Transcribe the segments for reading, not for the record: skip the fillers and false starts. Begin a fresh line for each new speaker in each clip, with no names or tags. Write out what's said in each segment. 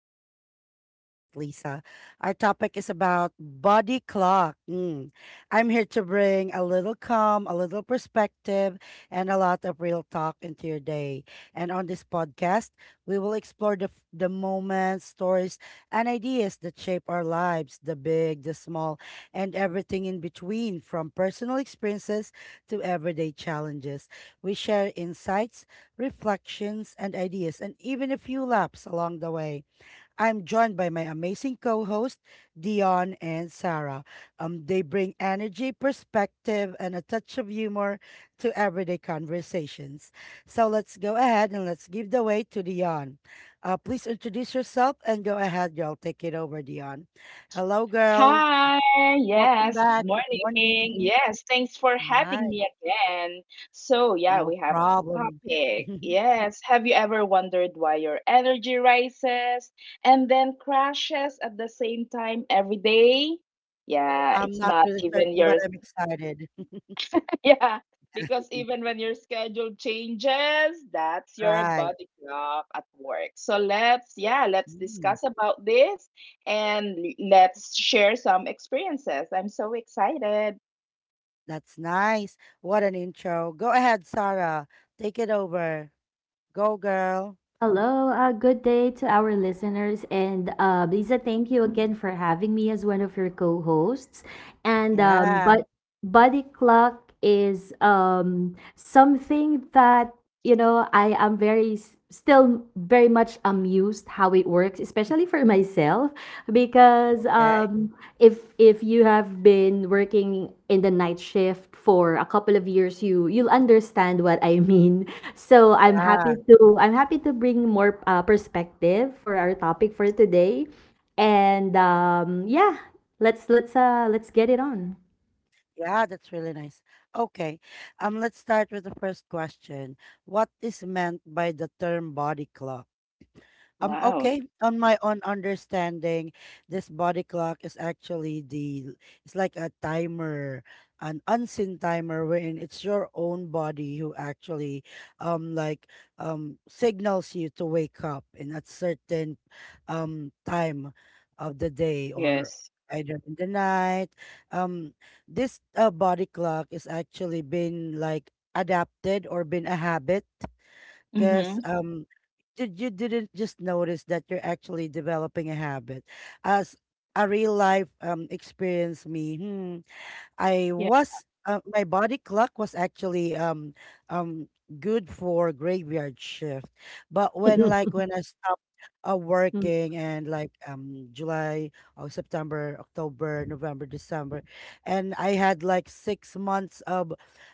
Everyday Reflections with Lisa. Our topic is about body clock. Mm. I'm here to bring a little calm, a little perspective, and a lot of real talk into your day. And on this podcast, we will explore the moments, stories, and ideas that shape our lives, the big, the small, and everything in between, from personal experiences to everyday challenges. We share insights, reflections, and ideas, and even a few laps along the way. I'm joined by my amazing co host, Dion and Sarah. They bring energy, perspective, and a touch of humor to everyday conversations. So let's go ahead and let's give the way to Dion. Please introduce yourself and go ahead, girl. Take it over, Dion. Hello, girl.
Hi,
Welcome
yes,
back.
good
Good morning.
morning. Yes, thanks for
All
having
right.
me again. So, yeah,
No
we have this
problem.
topic. Yes, have you ever wondered why your energy rises and then crashes at the same time every day? Yeah,
I'm
it's
not
not
really
even
certain, but
your
I'm excited.
Yeah, because even when your schedule changes, that's your
Right.
body clock at work. So, yeah, let's
Mm,
discuss about this and let's share some experiences. I'm so excited.
that's nice. What an intro. Go ahead, Sarah. Take it over. Go, girl.
Hello, good day to our listeners. And Lisa, thank you again for having me as one of your co hosts. And
Yeah.
but Body Clock is something that I am very still very much amused how it works, especially for myself, because
Okay.
if you have been working in the night shift for a couple of years, you'll understand what I mean. So I'm
Yeah.
happy to I'm happy to bring more perspective for our topic for today, and yeah, let's get it on.
Yeah, that's really nice. Okay. Let's start with the first question. What is meant by the term body clock?
Wow.
Okay, on my own understanding, this body clock is actually the it's like a timer, an unseen timer wherein it's your own body who actually, like, signals you to wake up in a certain time of the day or
Yes.
either in the night. Um this body clock is actually been like adapted or been a habit because,
Mm-hmm.
did you didn't just notice that you're actually developing a habit as a real life experience. Me, hmm, I
Yeah.
was, my body clock was actually um good for graveyard shift, but when, like, when I stopped, working and like July, or September, October, November, December, and I had like 6 months of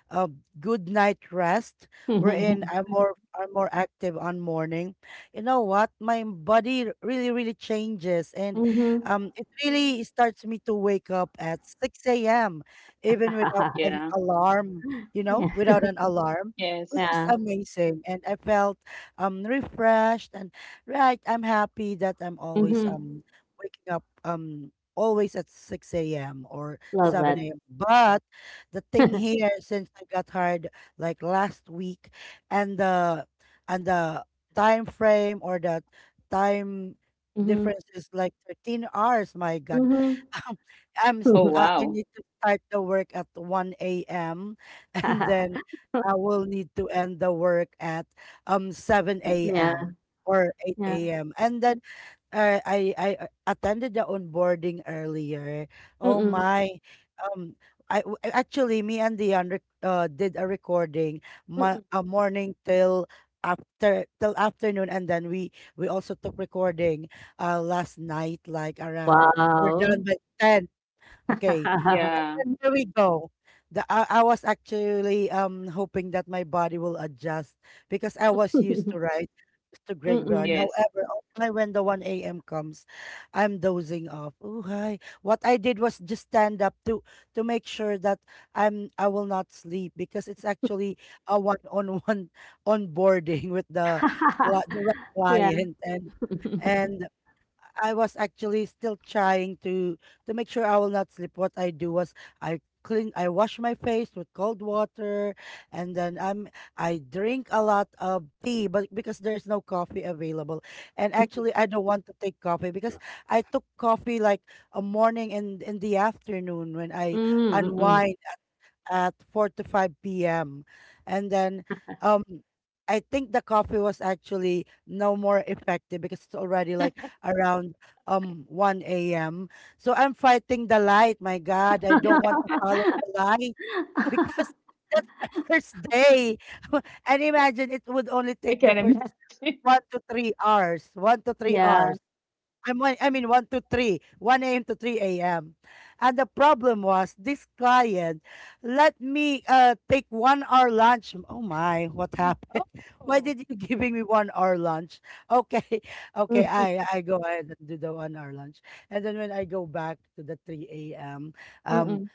of good night rest, wherein I'm
Mhm.
more I'm more active on morning. You know what? My body really really changes, and
Mm-hmm.
it really starts me to wake up at 6 a.m even without an
Yeah.
alarm, you know,
Yeah.
without an alarm, which
Yes.
is
Yeah.
amazing. And I felt refreshed, and, right, I'm happy that I'm always
Hmm.
waking up always at 6 a.m. or
Love that.
7 a.m. But the thing here, since I got hired like last week, and the time frame, or the time
Mhm,
difference, is like 13 hours, my God.
mhm.
I'm s-
Oh,
I
wow.
need to start the work at 1 a.m. and then I will need to end the work at 7
Yeah,
a.m. or
yeah.
8 a.m. And then, I attended the onboarding earlier. Oh
Mm,
my. Um Actually, me and Dion, did a recording my
mm.
a morning till after till afternoon, and then we also took recording last night, like around we're
Wow.
done by 10, okay,
Yeah.
and there we go. I was actually hoping that my body will adjust because I was used to
Mm.
graveyard.
Yes.
However, only when the 1 a.m. comes, I'm dozing off. Oh hi. What I did was just stand up to make sure that I will not sleep because it's actually a one-on-one onboarding with the the right
Yeah.
client. And I was actually still trying to make sure I will not sleep. What I do was I clean, I wash my face with cold water, and then I drink a lot of tea, but because there is no coffee available, and actually I don't want to take coffee because I took coffee like a morning and in the afternoon when I
Mm, mm.
unwind at 4 to 5 p.m. And then um I think the coffee was actually no more effective because it's already like around 1 a.m. So I'm fighting the light. My God, I don't want to follow the light because, that's my first day. And imagine, it would only
I
take the
can
first
imagine.
1 to 3 hours. One to three
Yeah.
hours. I'm one, I mean, 1 to 3, 1 a.m. to 3 a.m. And the problem was this client let me, take 1 hour lunch. Oh my, what happened? Why
Oh.
did you giving me 1 hour lunch? Okay, okay,
Mm,
I go ahead and do the 1 hour lunch. And then when I go back to the 3 a.m., um,
mm.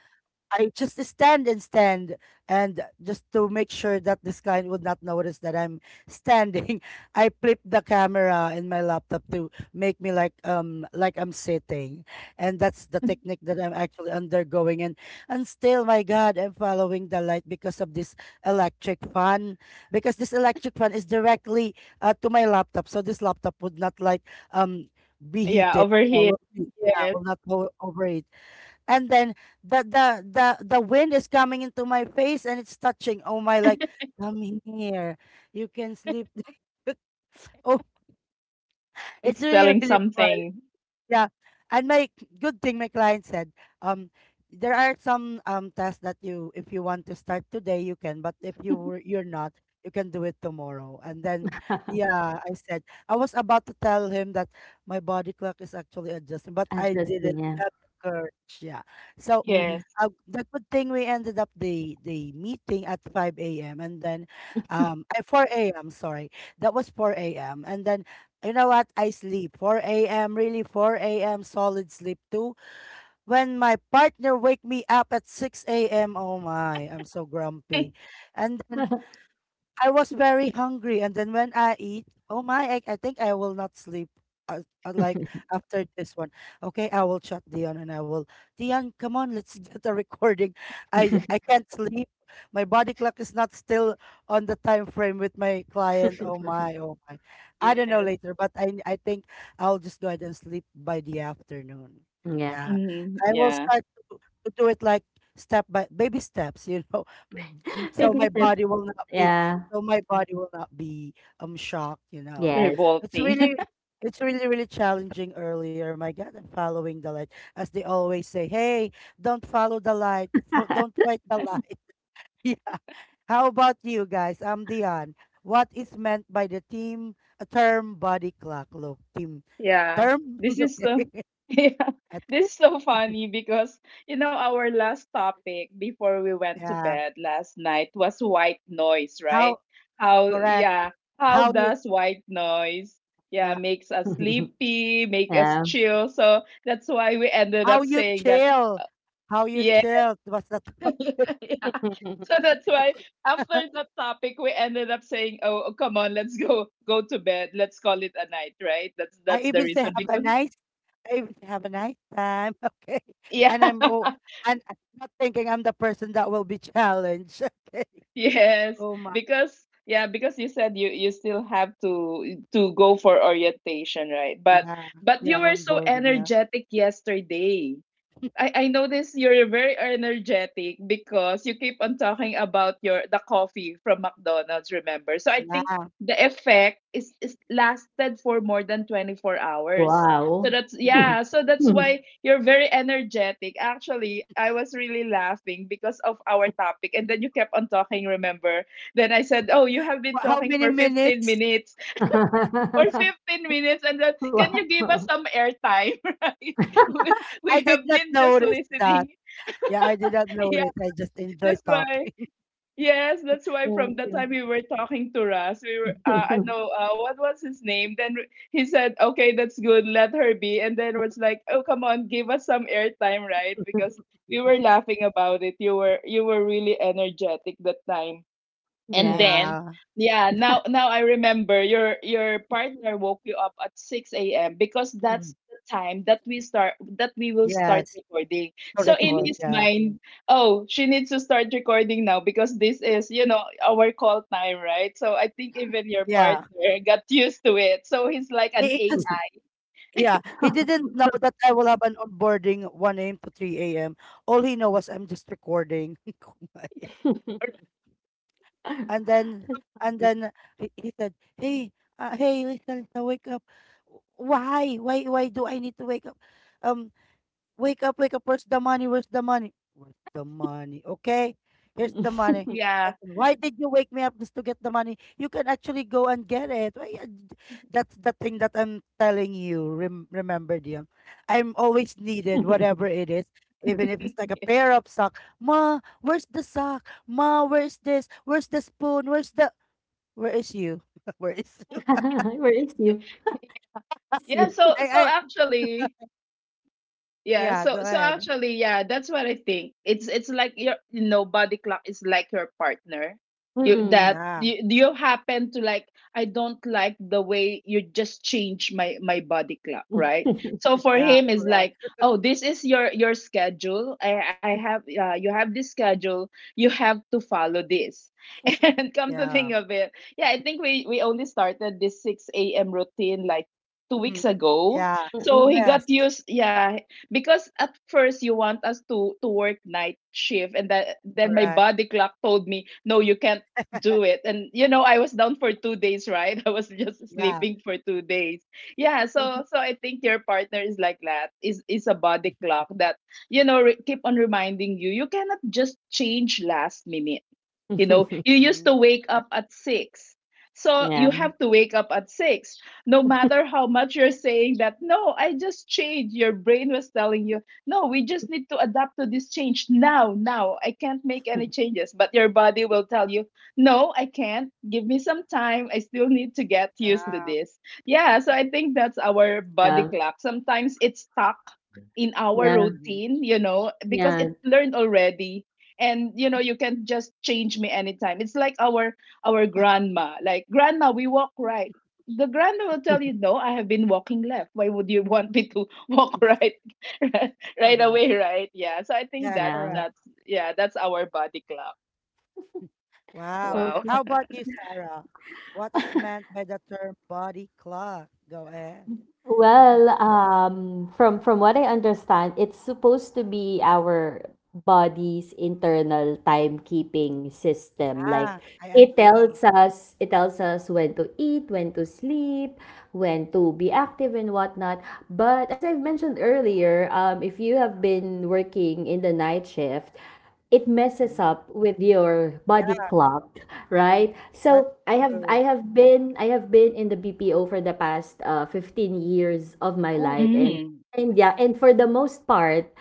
I just stand and stand, and just to make sure that this client would not notice that I'm standing, I flip the camera in my laptop to make me like, like I'm sitting, and that's the technique that I'm actually undergoing. And still, my God, I'm following the light because of this electric fan, because this electric fan is directly, to my laptop, so this laptop would not like, be
Yeah,
heated.
over here.
Yeah,
Yes.
will not go over it. And then the wind is coming into my face and it's touching, oh my, like, come in here, you can sleep. Oh, it's
It's
really
telling
really fun.
something.
Yeah. And my, good thing, my client said, um there are some tests that, you, if you want to start today, you can, but if you were, you're not, you can do it tomorrow. And then, yeah, I said, I was about to tell him that my body clock is actually adjusting, but I
Interesting,
didn't
yeah.
have the courage. Yeah. So,
Mhm.
Yes.
the good thing we ended up the meeting at 5 a.m., and then at 4 a.m., sorry. That was 4 a.m. And then, you know what? I sleep 4 a.m., really 4 a.m. solid sleep too. When my partner wake me up at 6 a.m. Oh my, I'm so grumpy. And then I was very hungry, and then when I eat, oh my, I think I will not sleep. Like, after this one, okay, I will chat Dion, and I will, Dion, come on, let's get a recording. I can't sleep. My body clock is not still on the time frame with my client. Oh my, oh my. I don't know
Yes.
later, but I think I'll just go ahead and sleep by the afternoon.
Yeah.
Yeah,
Mhm.
I will
Yeah,
start to, to do it like step by baby steps, you know. So
Baby
my
steps,
body will not be,
yeah.
so my body will not be, shocked, you know.
Yes.
It's
revolting.
really, it's really really challenging earlier. My god, I'm following the light. As they always say, hey, don't follow the light, don't fight the light. Yeah. How about you guys? I'm Dion. What is meant by the team, a term body clock? Look, team,
Yeah,
term.
this is so
Okay.
yeah, this is so funny because you know our last topic before we went to
Yeah.
bed last night was white noise, right?
How?
How
Correct.
Yeah, how
How you?
does white noise, yeah,
Yeah.
makes us sleepy, make us
Yeah.
chill? So that's why we ended
How
up
you
saying that.
chill? How you
uh,
chill? What's that?
Yeah. So that's why after that topic, we ended up saying, "Oh, oh, come on, let's go to bed. Let's call it a night." Right? That's
I
that's the
even say
reason
have a
because,
nice, I even say have a nice time, okay?
yeah,
And I'm, oh, and I'm not thinking I'm the person that will be challenged. Okay.
yes,
Oh my.
because yeah, because you said you still have to go for orientation, right?
Yeah.
But
Yeah,
you were so
onboarding, yeah.
energetic yesterday. I notice you're very energetic because you keep on talking about your the coffee from McDonald's, remember? So I think
Yeah.
the effect is lasted for more than 24 hours. So
Wow.
that's,
Hmm.
yeah, so that's why you're very energetic. Actually, I was really laughing because of our topic and then you kept on talking, remember? Then I said, "Oh, you have been
How
talking
many
for 15
minutes?
minutes." Or 15 minutes, and then can you give
Wow.
us some airtime? Right, we,
I
have
did not
been just
notice that.
listening.
Yeah, I did not notice.
Yeah,
I just enjoy
that's why
talking.
yes, that's why
Thank
from the
you.
time we were talking to Russ, we were I know, what was his name then? He said, okay, that's good, let her be, and then was like, oh come on, give us some airtime, right, because we were laughing about it. You were really energetic that time.
Yeah.
And then,
Yeah.
yeah, now I remember your partner woke you up at 6 a.m. because
Mhm.
that's the time that we start, that we will start
Yes.
recording.
To
So in
record,
his
yeah.
mind, oh, she needs to start recording now because this is, you know, our call time, right? So I think even your
Yeah.
partner got used to it. So he's like an eight
Because, yeah, he didn't know that I will have an onboarding 1 a.m. to 3 a.m. All he know was I'm just recording. Kumbaga.
hour.
That's
and then and
funny.
then he said, "Hey, hey, Lisa, Lisa, wake up. Why? Why do I need to wake up? Um Wake up, wake up. Where's the money? Where's the money? Where's the money? Okay, here's the money.
Yeah.
And then, why did you wake me up just to get the money? You can actually go and get it. That's the thing that I'm telling you. Remember, Dion. I'm always needed, whatever it is. Even if it's like a pair of socks. Ma, where's the sock? Ma, where's this? Where's the spoon? Where's the where is you?" Where is you?
Where is you, it's
Yeah,
you.
I I Yeah,
so
go
so
ahead.
actually, yeah, that's what I think. It's like your, body clock is like your partner. You
Mm.
that
Yeah,
you happen to like, I don't like the way you just change my body clock, right?
Mm.
So for
yeah,
him is
correct.
like, oh, this is your schedule. I have You have this schedule. You have to follow this. And come to
Yeah.
think of it, yeah, I think we only started this 6 a.m. routine like two
Mhm.
weeks ago.
Yeah.
So he got
Yes,
used, yeah, because at first you want us to work night shift and that, then my
correct.
body clock told me no, you can't do it, and you know I was down for 2 days, right? I was just
Yeah.
sleeping for 2 days. Yeah, so I think your partner is like that, is a body clock that, you know, keep on reminding you you cannot just change last minute. You know, you used
Mhm.
to wake
Correct.
up at 6, so
Yeah,
you have to wake up at 6 no matter how much you're saying that, no, I just changed, your brain was telling you, no, we just need to adapt to this change now, now. I can't make any changes. But your body will tell you, no, I can't. Give me some time. I still need to get used to
Yeah.
this. Yeah, so I think that's our body
yeah,
clock. Sometimes it's stuck in our
yeah,
Mhm.
routine, you know, because
yeah,
it learned already. And you know, you can just change me anytime. It's like our grandma. Like, grandma, we walk right, the grandma will tell you, no, I have been walking left. Why would you want me to walk right, right,
All
right away,
right.
right? Yeah. So I think
Yeah,
that
yeah.
correct.
that's yeah, that's our body clock.
Wow.
So,
Wow.
How about you, Sarah? What is meant by the term body clock? Go ahead. Mhm.
well, from what I understand, it's supposed to be our body's internal timekeeping system. Like
Yeah, I
it
agree.
tells us it tells us when to eat, when to sleep, when to be active and whatnot. But as I've mentioned earlier, if you have been working in the night shift, it messes
Mhm.
up with your
Yeah,
body clock, right?
that's
So I have
true.
I have been I have been in the BPO for the past 15 years of my
Ooh,
life, and
Mm.
yeah, and for the most part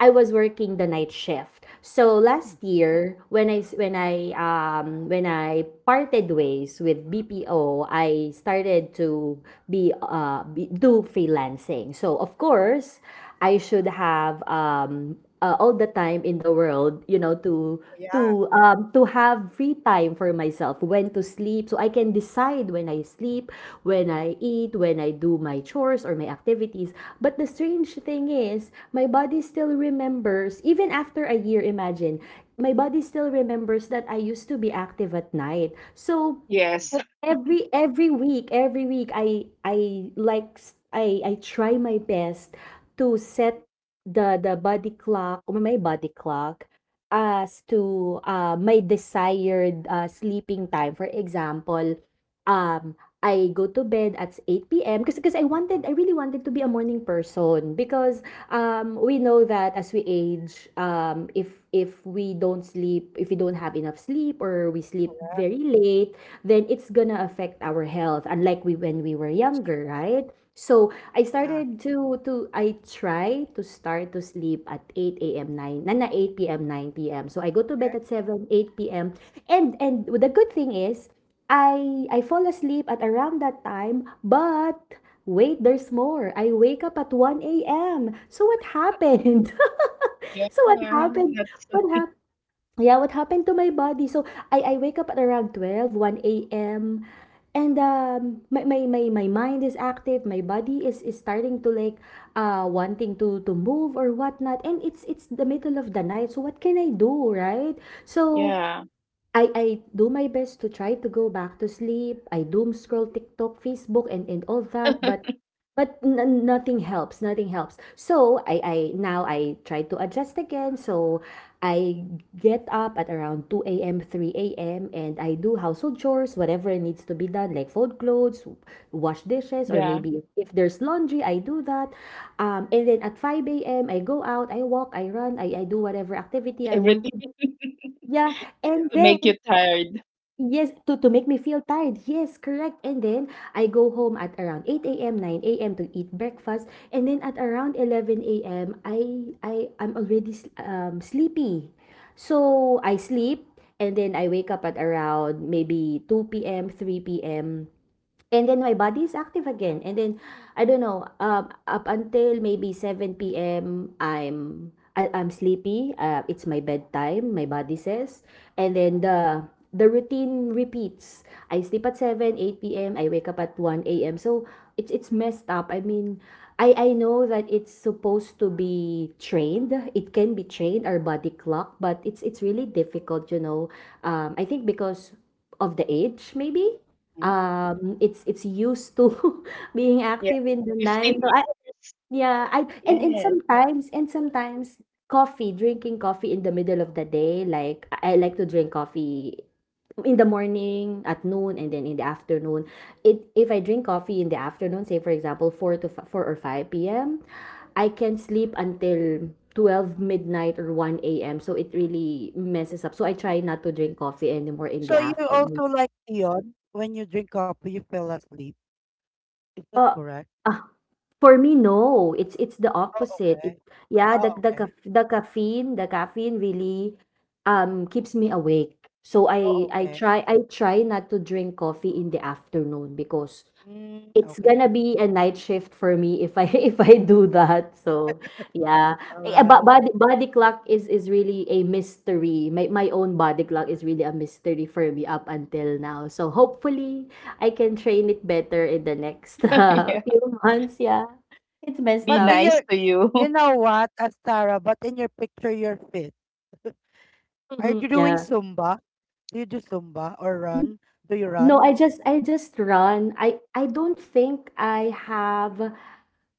I was working the night shift. So
mhm.
last year, when I s- when I parted ways with BPO, I started to do freelancing. So of course, I should have all the time in the world, you know, to
Yeah,
to um, to have free time for myself, when to sleep, so I can decide when I sleep, when I eat, when I do my chores or my activities. But the strange thing is, my body still remembers, even after a year. Imagine, my body still remembers that I used to be active at night. So
Yes.
every week I like I try my best to set the body clock, or my body clock, as to, my desired, sleeping time. For example, I go to bed at 8 p.m. because I really wanted to be a morning person because, we know that as we age, if we don't sleep, if we don't have enough sleep, or we sleep very late, then it's gonna affect our health, unlike we when we were
it's
younger,
true.
right? So I
Yeah,
started to I try to start to sleep at 8 a.m. 9 na na 8 p.m. 9 p.m. So I go to bed at 7 8 p.m., and the good thing is I fall asleep at around that time. But wait, there's more, I wake up at 1 a.m. So what happened?
Yeah.
So what happened?
That's,
What Yeah, what happened to my body? So, I wake up at around 12, 1 a.m., and, my mind is active, my body is starting to, like, wanting to move or whatnot, and it's the middle of the night, so what can I do, right? So,
yeah.
I do my best to try to go back to sleep. I doom scroll TikTok, Facebook, and all that, but nothing helps. Nothing helps. So I now I try to adjust again. So I get up at around two a.m., three a.m. and I do household chores, whatever needs to be done, like fold clothes, wash dishes, or
Yeah.
maybe if there's laundry, I do that. And then at five a.m. I go out, I walk, I run, I do whatever activity I want
Everything.
to. Yeah, and
To
yeah.
then
make you tired.
yes, to make me feel tired, yes, correct, and then I go home at around 8 a.m., 9 a.m. to eat breakfast, and then at around 11 a.m., I'm already s sleepy. So, I sleep, and then I wake up at around maybe 2 p.m., 3 p.m. And then my body is active again. And then I don't know, up until maybe 7 p.m. I'm sleepy. It's my bedtime, my body says. And then the routine repeats. I sleep at 7, 8 p.m. I wake up at 1 a.m. So it's messed up. I mean, I know that it's supposed to be trained. It can be trained, our body clock, but it's really difficult, you know. I think because of the age, maybe
Mhm.
it's used to being
Yeah.
active in the night,
Fifteen
so I
years.
yeah, I
Yes.
and sometimes coffee, drinking coffee in the middle of the day. Like, I like to drink coffee in the morning, at noon, and then in the afternoon. It, if I drink coffee in the afternoon, say, for example, 4 to fi 4 or 5 p.m., I can sleep until 12 midnight or 1 a.m., so it really messes up. So I try not to drink coffee anymore in the
So you
afternoon.
also like Dion, when you drink coffee, you fell asleep. Is that
Uh,
correct?
For me, no. It's the
Oh,
opposite.
okay.
Yeah,
Oh,
the the
okay.
caf- the caffeine, the caffeine, really keeps me awake. So
Oh,
I I
okay.
try I try not to drink coffee in the afternoon, because
Mm,
it's
okay.
gonna be a night shift for me if I if I do that. So yeah, but
Alright.
body clock is really a mystery. My own body clock is really a mystery for me up until now. So hopefully I can train it better in the next
Yeah.
few months. Yeah. It's messed
Be
But in
up.
nice
your,
to you.
you know what, Astara, but in your picture, you're fit. Are you doing
Yeah.
Zumba? Do you do Zumba or
N-
run? Do you
No,
run?
I just run. I don't think I have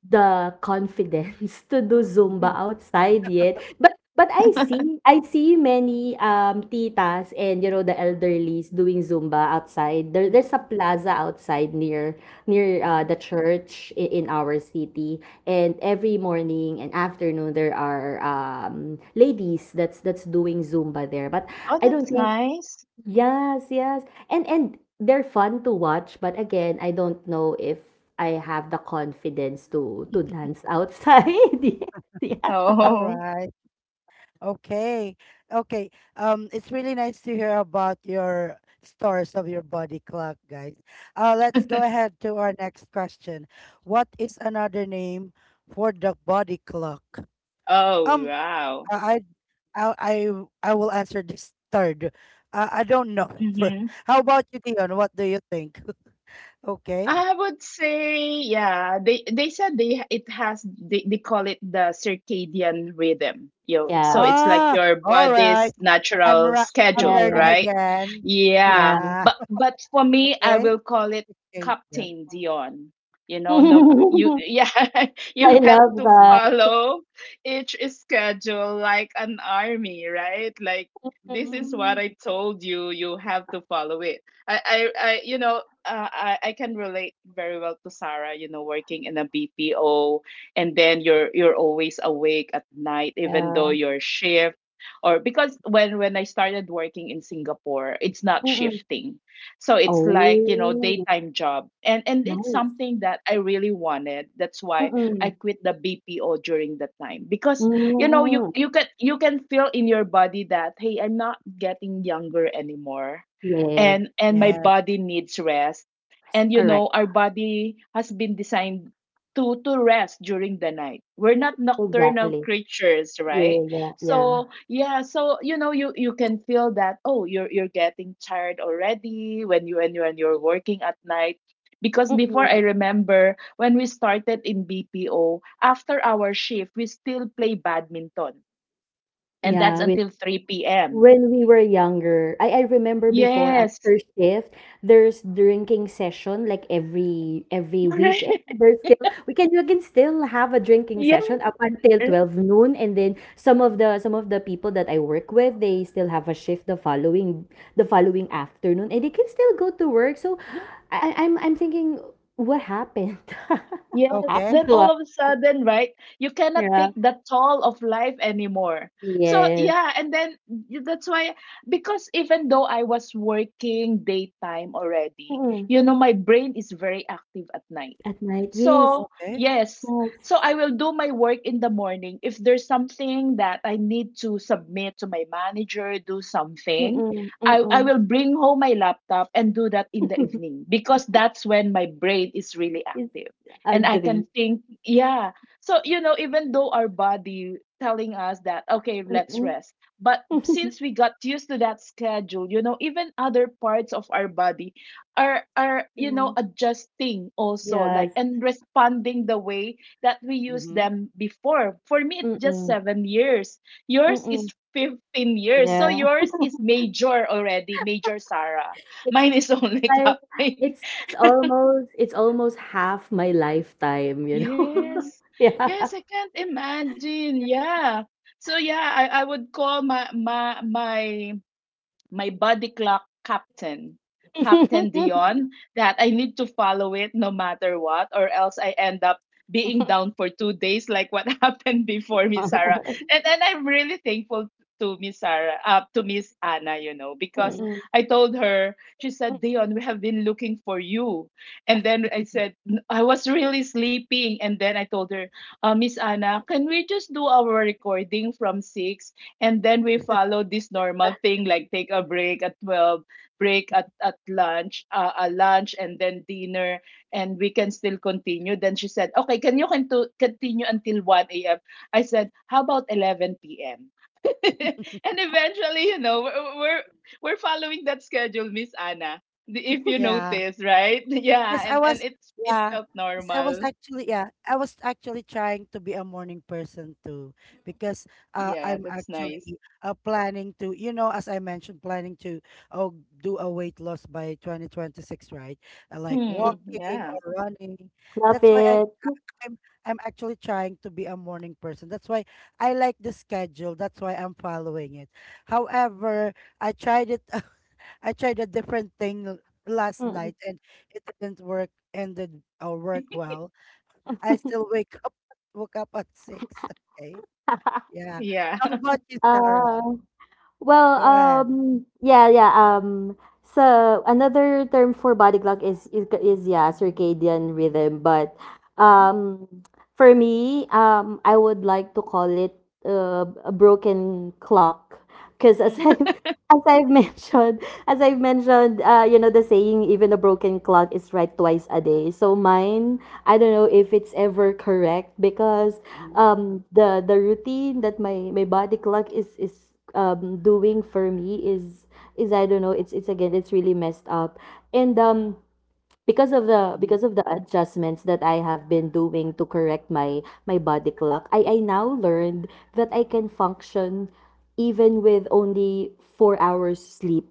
the confidence to do Zumba outside yet. But I see many titas, and you know the elderlies doing Zumba outside. There's a plaza outside near
Mhm.
the church in our city, and every morning and afternoon there are ladies that's doing Zumba there. But
Oh,
I don't
that's
think.
nice.
Yes, yes. And they're fun to watch, but again, I don't know if I have the confidence to dance outside. Yeah.
All
Oh.
right. Okay. Okay. It's really nice to hear about your stories of your body clock, guys. Let's go ahead to our next question. What is another name for the body clock?
Oh
Um,
wow.
I, I I I I will answer this third. I don't know. For
Mm-hmm.
how about you, Dion? What do you think? Okay.
I would say, yeah, they said, they it has, they call it the circadian rhythm. You know, so
Yeah.
it's like
Ah,
your
all
body's
right. I'm
natural
ra- I'm
schedule,
Yeah,
learning
right?
again.
Yeah,
yeah, yeah.
Yeah.
but for me, I
Okay.
will call it
Okay. Then.
Captain Dion. You know, no, you, yeah,
I
you have
love
to
that.
follow each schedule like an army, right? Like this
Mm.
is what
Mm,
I told you. You have to follow it. I, I, I you know, I can relate very well to Sarah, you know, working in a BPO, and then you're always awake at night even though
Yeah.
your shift, or because when I started working in Singapore, it's not
Mm-mm.
shifting. So it's like, you know,
Oh,
daytime job. And it's
nice.
something that I really wanted. That's why I
Mm-mm.
quit the BPO during that time because, you know,
Mm.
you can feel in your body that, hey, I'm not getting younger anymore,
Yes,
and my
yes.
body needs rest, and you know
correct.
our body has been designed to rest during the night. We're not nocturnal
Exactly.
creatures,
Yeah,
right?
yeah.
So, yeah, so, you know, you can feel that, oh, you're getting tired already when you when you're working at night, because before, I
Mm-mm.
remember when we started in BPO, after our shift we still play badminton, and that's
Mm-hmm.
Yeah,
until 3 p.m.
when we were younger, I remember before,
Yes.
after shift, there's drinking session like every week, and
Correct.
there's still we can you can still have a drinking
Yeah,
session up until
right.
12 noon, and then some of the people that I work with, they still have a shift the following afternoon, and they can still go to work. So I'm thinking, what happened? What
Yes,
Okay.
happened
then
to
all
us?
of a sudden, right, you cannot
Yeah.
take the toll of life anymore. So,
Yes.
yeah, and then y- that's why, because even though I was working daytime already,
Mm-mm.
you know, my brain is very active at night.
At night, yes.
So,
Okay.
yes,
Yes.
so I will do my work in the morning. If there's something that I need to submit to my manager, do something,
Mm-mm.
I
Mm-mm.
will bring home my laptop and do that in the evening because that's when my brain is really active, and I
Agree.
can think, yeah. So, you know, even though our body telling us that, okay, let's
Mm-mm.
rest. But since we got used to that schedule, you know, even other parts of our body are, you
Yeah.
know, adjusting also, like
Yes.
and responding the way that we used
Mm-hmm.
them before. For me, it's just
Mm-mm.
7 years. Yours is
Mm-mm.
15 years. So
Yeah.
yours is major already, major Sarah.
It's
Mine is only
like
cupping.
it's almost half my lifetime, you know.
Mm-hmm.
Yes.
Yeah.
Yes, I can't imagine. Yeah. So yeah, I would call my body clock captain, Captain
Mm-hmm.
Dion, that I need to follow it no matter what, or else I end up being down for 2 days, like what happened before, Miss Sarah. And I'm really thankful to Miss Sarah, to Miss Anna, you know, because
Mm-hmm.
Mm-mm.
I told her, she said, Dion, we have been looking for you. And then I said, I was really sleeping. And then I told her, Miss Anna, can we just do our recording from 6, and then we follow this normal thing like take a break at 12, break at lunch a lunch, and then dinner, and we can still continue? Then she said, okay, can you continue until 1 a.m.? I said, how about 11 p.m.? And eventually, you know, we're following that schedule, Miss Anna, if you
Yeah.
notice, right? Yeah,
'Cause I
and
was
it's it
yeah,
felt
'cause I was
normal.
actually I was actually trying to be a morning person too because
Yeah,
I'm
that's nice.
actually planning to, you know, as I mentioned, planning to oh, do a weight loss by 2026, right? Like
Mm,
Mm-mm.
walking
yeah.
or running.
Love
That's why
it.
I'm I'm actually trying to be a morning person. That's why I like the schedule. That's why I'm following it. However, I tried it. I tried a different thing last
Mm-mm.
night and it didn't work and did or work well. I still wake up woke up at six. Okay. Yeah.
Yeah.
How about you,
Ah.
Sarah?
Well,
Go ahead.
yeah, yeah. So another term for body clock is yeah, circadian rhythm, but
Mm-hmm.
um, for me, I would like to call it a broken clock, because as
Mm-hmm.
I as I've mentioned, as I've mentioned, you know the saying, even a broken clock is right twice a day. So mine, I don't know if it's ever correct, because
Mm-hmm.
the routine that my body clock is doing for me is I don't know. It's again, it's really messed up, and because of the
Mm-hmm.
because of the adjustments that I have been doing to correct my my body clock, I now learned that I can function even with only 4 hours sleep,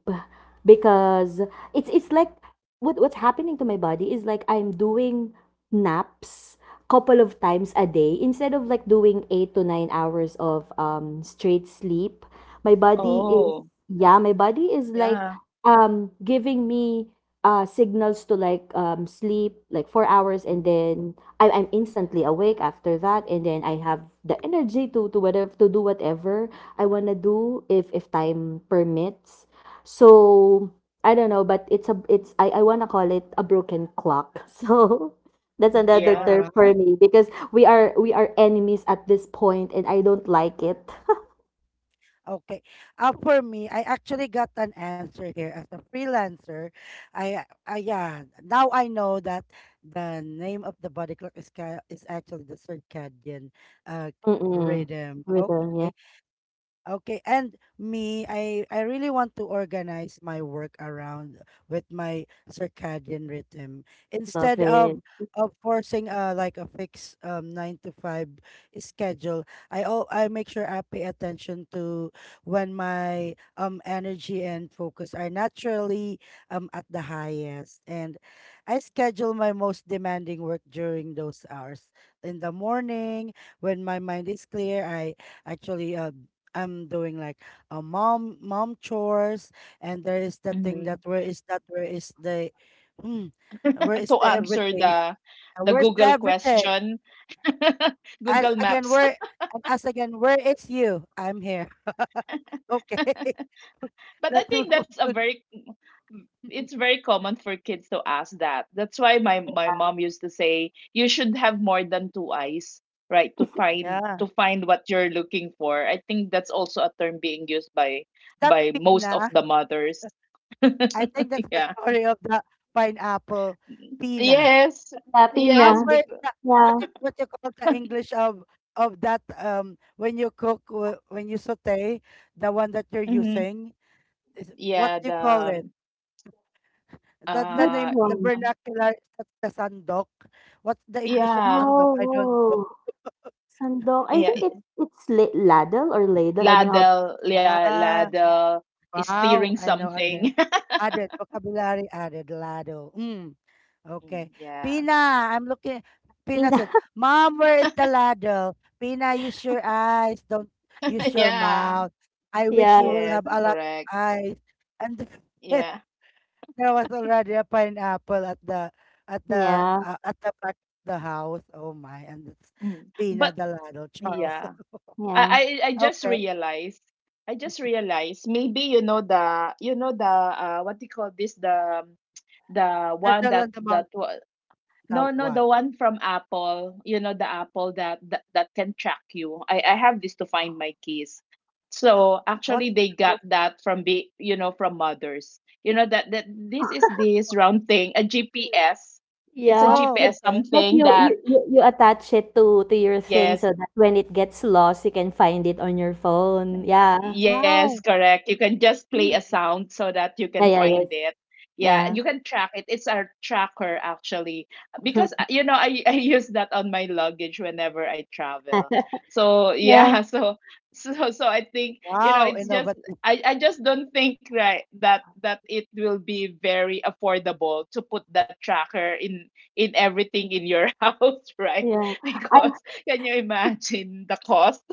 because it's like what's happening to my body is, like, I'm doing naps couple of times a day instead of, like, doing 8 to 9 hours of straight sleep. My body is,
Oh.
yeah, my body is, like,
Yeah.
giving me signals to, like, sleep like 4 hours,
Mm-hmm.
and then I'm instantly awake after that, and then I have the energy to do whatever I want to do if time permits. So I don't know, but it's a it's I want to call it a broken clock, so that's another
All
Yeah,
term for
right.
me, because we are enemies at this point, and I don't like it.
Okay. For me, I actually got an answer here as a freelancer. I Yeah. Now I know that the name of the body clock is actually the circadian uh
Mm-mm.
rhythm.
Rhythm, yeah.
Okay. Okay, and me, I really want to organize my work around with my circadian rhythm
Love
instead
it.
of forcing like a fixed 9 to 5 schedule. I make sure I pay attention to when my energy and focus are naturally at the highest, and I schedule my most demanding work during those hours in the morning when my mind is clear. I actually I'm doing like a mom chores, and there is the thing
mhm.
that where is the, hmm, where is
To
the
answer
everything?
the
Where's the
Google
everything?
question,
As
Google
again,
Maps.
where as again, where is you? I'm here. Okay,
But I
let's move
think
on
that's a
to.
very, it's very common for kids to ask that. That's why my my mom used to say you should have more than two eyes, right, to find,
Yeah,
to find what you're looking for. I think that's also a term being used
is that
by most of
Pina?
the mothers.
I think that's the
Yeah.
story of the pineapple, Pina.
Yes.
Happy na.
Yes,
Where
because,
the
Yeah.
what you call the English of that when you saute, the one that you're
mm-hmm,
using is, what
yeah,
do you call it?
the um,
The
Which
name, the
one?
uh
vernacular, is that the sandok. What's the English of
yeah,
sandok? I don't know.
Oh, sandok. I
yeah,
think it it's la ladle or ladle, I don't know how
yeah,
Ah,
ladle, is
wow!
steering
I know
something.
again. Added vocabulary, added lado. Mm.
Mm.
Okay.
Yeah.
Pina, I'm looking. Pina
to
said, Mom, where is the ladle? Pina, use your eyes. Don't use your
Yeah,
mouth. I
Yeah,
wish you will
yes,
have a lot of
correct.
eyes. And
Yeah,
there was already a pineapple
yeah,
at the back of the house. Oh my! And it's
mm.
Pina
But,
the ladle, Charles.
yeah,
yeah,
I, I, I just
okay.
realized, I just realized maybe you know the, what do you call this, the one
Turtle and the monkey.
no,
Now
no,
what?
the one from Apple, you know, the Apple that can track you. I have this to find my keys. So
What?
actually they
yeah,
got that from, be, you know, from mothers. You know that this is this round thing, a GPS. It's a
yeah.
Oh,
Like,
GPS
okay.
but
something
you, you
that,
you you attach it to your thing
yes,
so that when it gets lost, you can find it on your phone. Yeah,
yes,
Wow.
correct. You can just play a
Mm.
sound so that you
yeah,
can
yeah, yes,
find it. Yeah,
yeah,
you can track it. It's our tracker, actually. Because I I use that on my luggage whenever I travel. So,
yeah,
yeah, so I think,
Wow.
it's just
Innovative.
I just don't think, right, that it will be very affordable to put that tracker in everything in your house, right?
yeah. I
Because, can you imagine the cost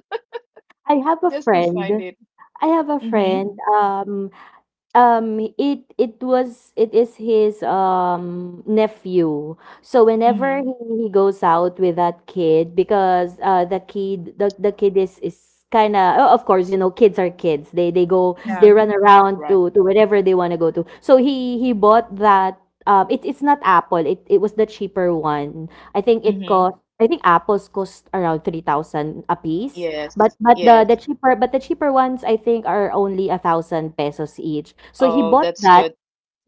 I have a
just to
friend.
find it?
I have a
Mm-hmm.
friend.
Mhm.
It is his nephew. So whenever
Mhm,
he goes out with that kid, because the kid is kind of, oh, of course, you know, kids are kids. They they go
Yeah.
they
mhm.
run around
Right.
to wherever they want to go to. So he bought that. It's not Apple. It was the cheaper one. I think it
Mhm.
cost. I think apples cost around 3,000 a piece. But
Yes.
but
Yes.
the cheaper ones I think are only 1,000 pesos each. So he
Oh,
bought
that's
that.
good.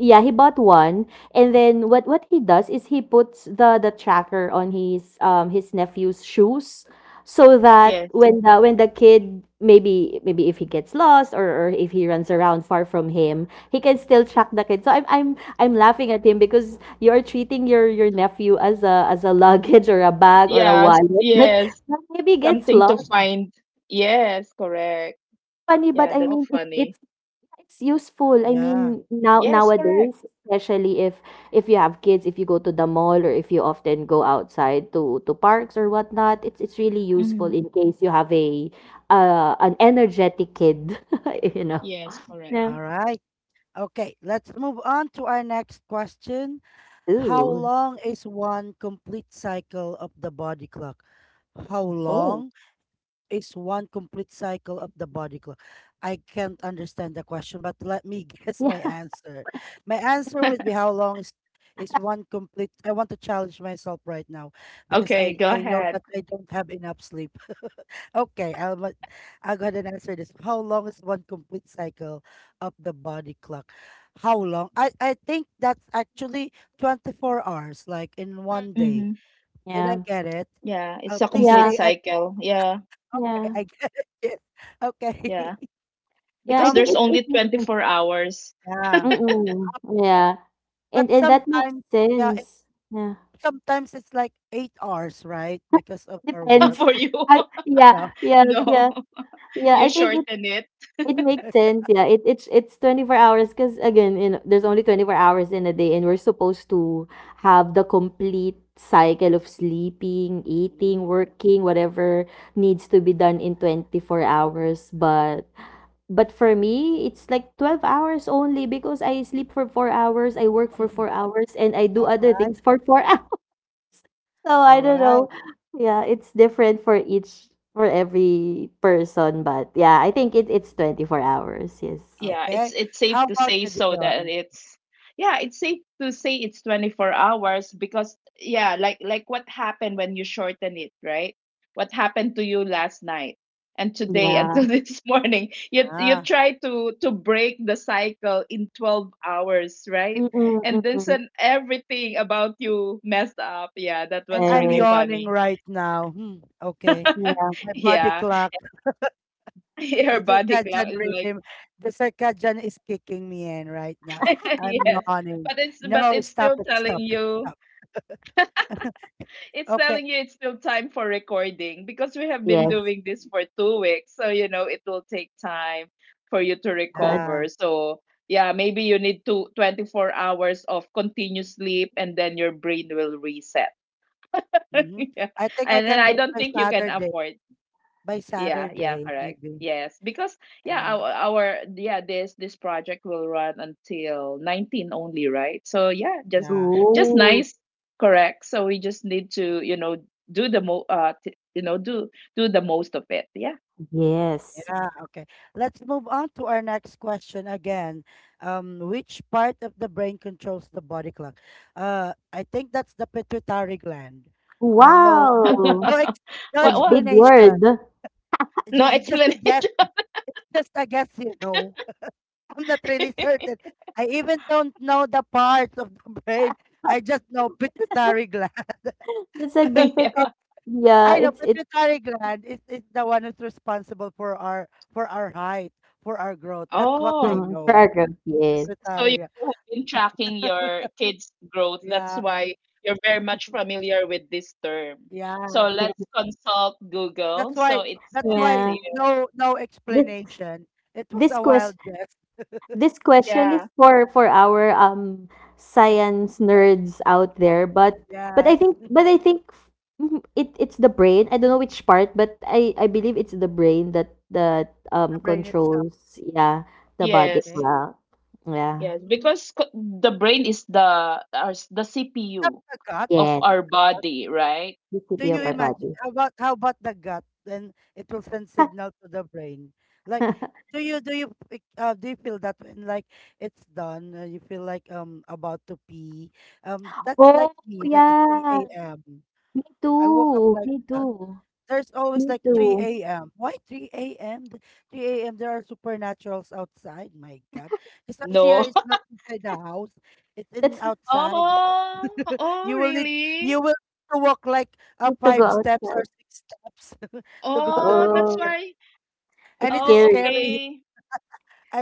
Yeah, he bought one, and then what he does is he puts the tracker on his nephew's shoes, so that
Yes.
when the kid, maybe if he gets lost, or if he runs around far from him, he can still track the kid. So I'm laughing at him because you're treating your nephew as a luggage or a bag or a
Yes.
wallet that
Yes.
maybe gets
Something to
lost.
Mhm.
find. Yes, correct.
Funny, but
Yeah,
I
that's
mean it's
funny.
it's it's useful. I
Yeah.
mean, now,
Yes, correct.
nowadays, especially if you have kids, if you go to the mall or if you often go outside to parks or whatnot, it's really useful
Mhm.
in case you have a an energetic kid, you know.
Yes, correct.
Yeah.
All right. Okay, let's move on to our next question. How
Ooh.
long is one complete cycle of the body clock? How
Oh.
long is one complete cycle of the body clock? I can't understand the question, but let me guess my
Yeah.
answer. My answer would be how long is one complete, I want to challenge myself right now because
Okay,
I
go
I know
ahead.
that I don't have enough sleep. Okay, I'll go ahead and answer this. How long is one complete cycle of the body clock? How long? I think that's actually 24 hours, like in one day.
Mm-hmm.
Did I
Yeah.
get it?
Yeah, it's a
Please
complete
Yeah.
say I
cycle. Yeah,
okay,
Yeah.
I get it. Yes. Okay.
yeah.
Yeah, I
Because
Um,
think
there's
it
only
makes sense.
24 hours.
yeah.
Mm-mm. Yeah. And
But
and that makes
yeah, it,
sense. Yeah.
sometimes it's like 8 hours, right? Because of our work.
Depends.
For you.
Yeah.
Yeah.
Yeah.
No,
Yeah. Yeah.
you
I think
shorten it.
it makes sense, yeah. It's 24 hours because, again, you know, there's only 24 hours in a day and we're supposed to have the complete cycle of sleeping,
Mhm.
eating, working, whatever needs to be done in 24 hours. But for me, it's like 12 hours only because I sleep for 4 hours, I work for 4 hours, and I do
All
other
right.
things for 4. So
All
I don't
right.
know. Yeah, it's different for every person, but yeah, I think it's 24 hours. Yes.
Yeah,
Okay.
it's
How
safe to
about
say,
the
so that
Dion?
it's, yeah, it's safe to say it's 24 hours, because yeah, like what happened when you shorten it, right? What happened to you last night and today
Yeah.
until this morning? You
Ah.
try to break the cycle in 12 hours, right?
Mm-mm,
And then
mm-mm.
sudden everything about you messed up. Yeah, that
And
was
I'm
really
Yes.
yawning
funny.
right now. Hmm, okay.
Yeah.
My body
Yeah.
clock,
Your
the
body clock
circadian
is like
rhythm, the circadian is kicking me in right now. I'm
yes.
yawning.
But it's but
No,
it's
stop
still
it,
telling
stop it,
you.
stop.
It's
Okay.
telling you it's still time for recording, because we have been
Yes.
Oh,
doing this for 2 weeks. So, you know, it will take time for you to
Uh,
recover.
yeah.
So, yeah, maybe you need to 24 hours of continuous sleep and then your brain will reset.
Mm-hmm.
Yeah.
I think I
And then
can do
I
it
don't
by
think you can
Saturday.
afford.
By
Yeah, yeah,
Saturday,
correct.
maybe.
Yes, because yeah,
Yeah.
our this this project will run until 19 only, right? So yeah, just
Yeah.
just
Oh,
nice, correct. So we just need to, you know, do the mo t do the most of it. Yeah.
yes.
Yeah, okay. Let's move on to our next question again. Which part of the brain controls the body clock? I think that's the pituitary gland. No,
Wow.
no, ex no
A
What
big
what?
explanation.
word.
No
Just a guess.
explanation.
It's just a guess, you know. I'm not really certain. I even don't know the parts of the brain. I just know pituitary gland.
It's a
It
difficult.
Yeah.
Yeah,
I know
it's
pituitary gland is the one who's responsible for our height, for our growth. That's what I
Oh.
mm,
know.
paragraph. Yes.
So
Pituitary
you
gland.
you have been tracking your kids' growth. That's
Yeah,
why you're very much familiar with this term.
yeah.
So let's consult
That's
Google. So
why
it
that's
says
why
Yeah.
here,
no no
This
explanation. It was
this
a wild
question
guess.
This question is
yeah,
for our science nerds out
Uh,
there, but but I
Yes.
think but I think f- mhm, it's the brain. I don't know which part, but I believe it's the brain that
The brain itself,
controls, yeah, the body
yes,
okay?
clock.
yes,
Yeah.
Mm.
because the brain is the
Not
CPU
the gut.
of
Yes,
Not
our
the gut.
body, right?
the
Do
CP
you
of our
Yes.
imagine
body.
how about the gut? Then it will send signal to the brain. Like, do you do you feel that when like it's done, you feel like about to pee? That's like
Oh,
me when at three
yeah,
a.m.
me
I woke up
too.
like
Me
that.
too.
There's always
Me
like
Yeah.
three
too.
a.m. Why three a.m.? Three a.m. There are supernaturals outside. My God, because RCR
No.
is not inside the house; it's in
Let's
outside.
Oh, oh,
You will need
really?
to walk like
need to go
five steps or
outside.
six steps to go to the
Oh, that's
comfort.
Oh,
why.
And
it's
it is
Oh,
scary.
scary.
okay.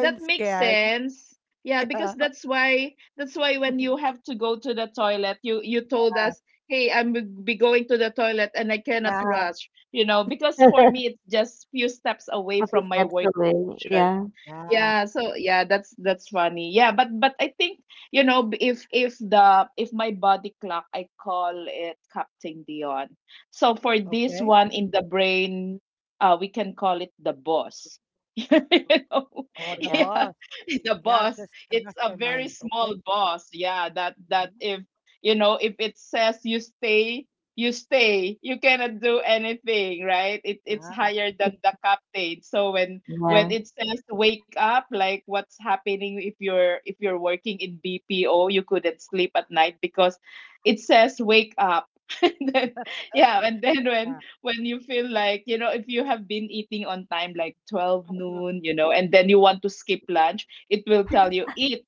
That makes
scared.
sense. Yeah, because
Yeah.
that's why when you have to go to the toilet, you told
Yeah.
us, "Hey, I'm be going to the toilet and I cannot
Yeah.
rush." Because for me it's just few steps away
A few
from my
steps
work,
away. Yeah.
Yeah.
yeah, so yeah, that's funny. Yeah, but I think, if my body clock, I call it Captain Dion. So for this
Okay.
one in the brain, we can call it the boss. You know,
Oh, the
Yeah,
yeah,
boss.
the
Yeah,
boss.
because the
It's a very
mastermind.
small
Okay.
boss. Yeah, that
Mm-hmm.
if it says you stay, you stay. You cannot do anything, right? It's
Yeah.
higher than the captain. So when
yeah,
it says wake up, like what's happening, if you're working in BPO, you couldn't sleep at night because it says wake up and then when
Yeah.
when you feel like, if you have been eating on time like 12 noon,
Mhm.
and then you want to skip lunch, it will tell you, eat,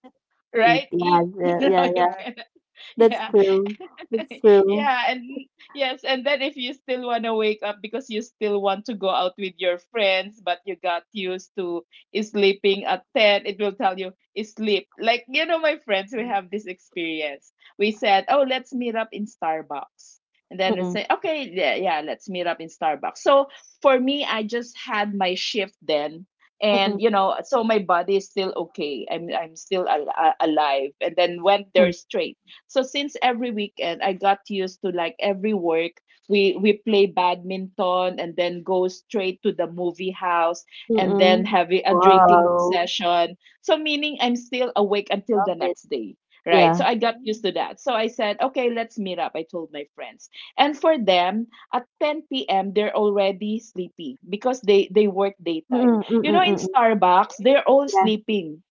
eat.
right?
Yeah,
Eat.
yeah,
Yeah,
yeah,
You
yeah.
correct.
can.
That's
Yeah.
true. That's true.
Yeah, and yes, and then if you still want to wake up because you still want to go out with your friends, but you got used to sleeping at 10, it will tell you sleep. Like, my friends, we have this experience. We said, oh, let's meet up in Starbucks. And then we
Mm-mm,
say, okay, yeah, yeah, let's meet up in Starbucks. So for me, I just had my shift then. And,
mm-mm,
so my body is still okay. I'm still alive. And then went there
mm,
straight. So since every weekend I got used to, like, every work, we play badminton and then go straight to the movie house and then
mm-mm.
have a drinking
Wow,
session. So meaning I'm still awake until the
love it.
next day. Right. So
Yeah.
I got used
Mm-hmm.
to that. So I said, okay, let's meet up. I told my friends. And for them, at 10 p.m., they're already sleepy because they work daytime.
Mm-mm, mm-mm,
In
mm-mm.
Starbucks,
Okay.
they're all
Yeah.
sleeping.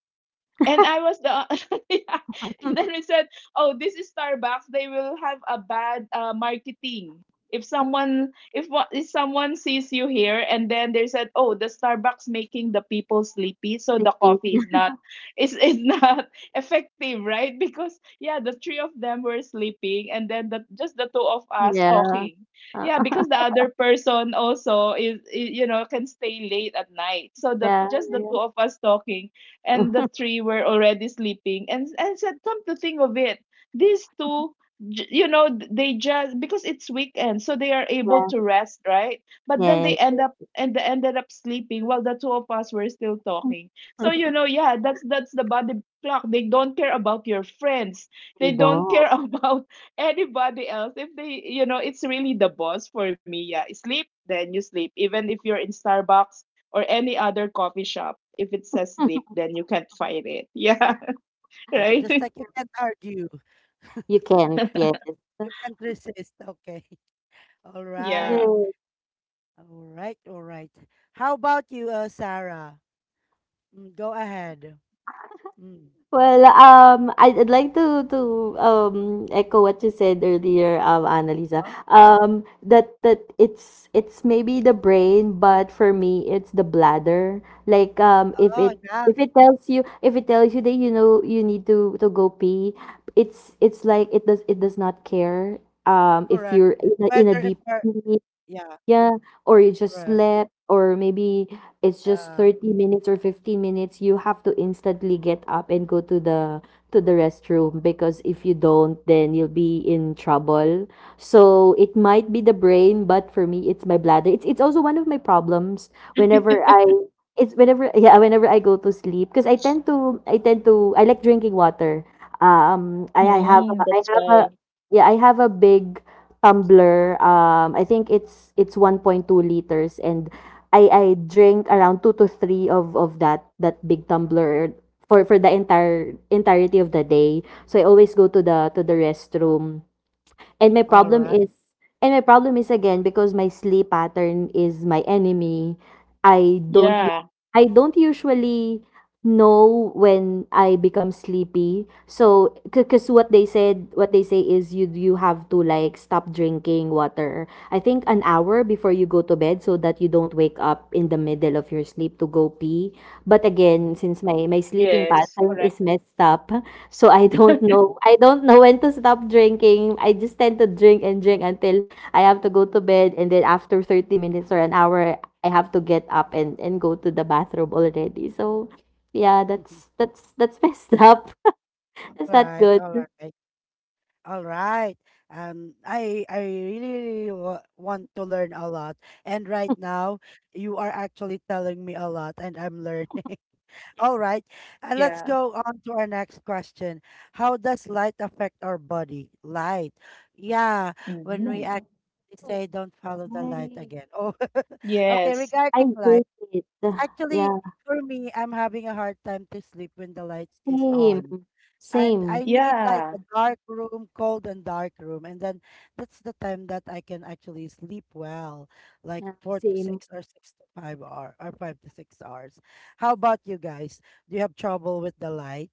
And I was the yeah. And then we said, "Oh, this is Starbucks. They will have a bad, marketing. If someone sees you here and then they said, 'Oh, the Starbucks making the people sleepy, so the
Crispy.
coffee is not, is is not effective, right?'" Because yeah, the three of them were sleeping and then the just the two of us
Yeah.
talking.
Uh,
Yeah,
uh,
because the other person also is, can stay late at night. So the
yeah,
just the
yeah.
two of us talking, and the three were already sleeping. And said, come to think of it, these two, they just, because it's weekend, so they are able
Yeah.
to rest, right? But then
Yes.
Yeah.
they ended up sleeping while the two of us were still talking. So, you know, yeah, that's the body clock. They don't care about your friends.
They
They don't care
don't.
about anybody else. If they, it's really the boss for me. Yeah, sleep, then you sleep, even if you're in Starbucks or any other coffee shop. If it says sleep, then you can't find it. Yeah,
Yeah,
right?
just like you can't argue.
You can't. Yes.
You can't resist. Okay. All right.
Yeah.
That's.
All right. All right. How about you, Sarah? Mm, go ahead. Mm.
Well, I'd like to echo what you said earlier, Annalisa.
Huh?
That it's maybe the brain, but for me, it's the bladder. Like,
Oh, yeah,
if it tells you that, you know, you need to go pee, it's like it does not care. If
correct.
you're in a
Whether if
deep,
are yeah,
yeah, or you just
correct.
slept, or maybe it's just
Yeah.
30 minutes or 15 minutes, you have to instantly get up and go to the restroom because if you don't, then you'll be in trouble. So it might be the brain, but for me it's my bladder. It's also one of my problems whenever I, it's whenever yeah, whenever I go to sleep because I tend to, I like drinking water. Um I I have
Mm,
a, I
that's
have a
why.
yeah, I have a big tumbler, I think it's 1.2 liters, and I drink around two to three of that big tumbler for the entire entirety of the day. So I always go to the restroom. And
All right.
my problem is, again, because my sleep pattern is my enemy. I don't u-
Yeah.
I don't usually know when I become sleepy. So because what they say is you have to, like, stop drinking water. I think an hour before you go to bed so that you don't wake up in the middle of your sleep to go pee. But again,
Mhm.
since my sleeping
Yes,
pattern
correct.
is messed up, so I don't know. I don't know when to stop drinking. I just tend to drink and drink until I have to go to bed, and then after 30 minutes or an hour I have to get up and go to the bathroom already. So yeah, that's that's that's messed up.
All
That's not
right.
good.
All right. All right. I really wa want to learn a lot, and right now you are actually telling me a lot, and I'm learning. All right. And let's
Yeah.
go on to our next question. How does light affect our body? Light. Yeah, when we
Hmm.
actually say don't follow the light
Right.
again. Oh, okay.
Yes.
I
Regarding light,
hate it. Ugh.
actually,
Yeah.
for me, I'm having a hard time to sleep when the light is
Same.
on, and
Same.
I need like
Yeah.
a dark room, cold and dark room, and then that's the time that I can actually sleep well, like
Yeah,
four to
same.
six or six to five hour or 5 to 6 hours. How about you guys? Do you have trouble with the light?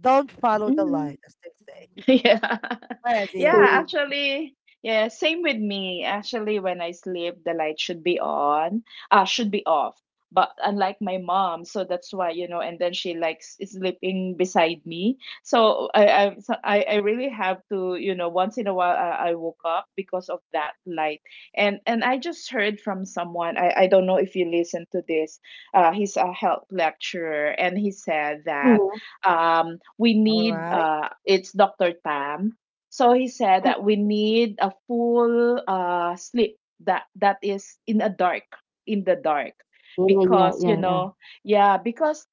Don't follow the
Hmm.
light, as they say.
Yeah.
Alright,
Yeah,
Dion.
Same.
actually, yeah, same with me. Actually, when I sleep, the light should be on, should be off. But unlike my mom, so that's why, and then she likes is sleeping beside me. So I really have to, once in a while I woke up because of that light. And I just heard from someone, I don't know if you listen to this, he's a health lecturer, and he said
Mhm.
that, we
All
need,
right.
it's Dr. Tam. So he
Mm.
said that we need a full, sleep that is in the dark,
Yeah, yeah, yeah,
because you
yeah.
Mm-hmm.
know, yeah because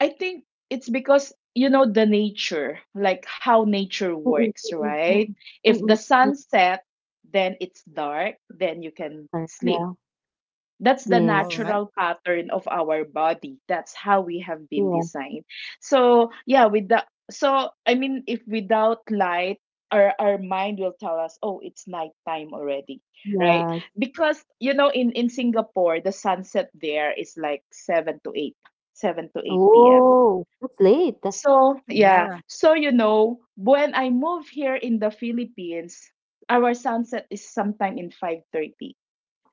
I think it's because, the nature, like how nature
Mm, mm,
works,
mm, mm, mm,
right?
mm,
If the
mm, mm,
sun set, then it's dark, then you
mm.
can
Yeah.
sleep. That's the
Yes.
All right.
natural pattern of our body. That's how we have
Yeah,
been designed. So yeah, with the so I mean, if without light, our mind will tell us, oh, it's nighttime already, right?
yeah.
Because, in Singapore the sunset there is like 7 to 8 p.m.
Oh, it's late.
So yeah,
Yeah.
so, when I move here in the Philippines, our sunset is sometime in 5:30.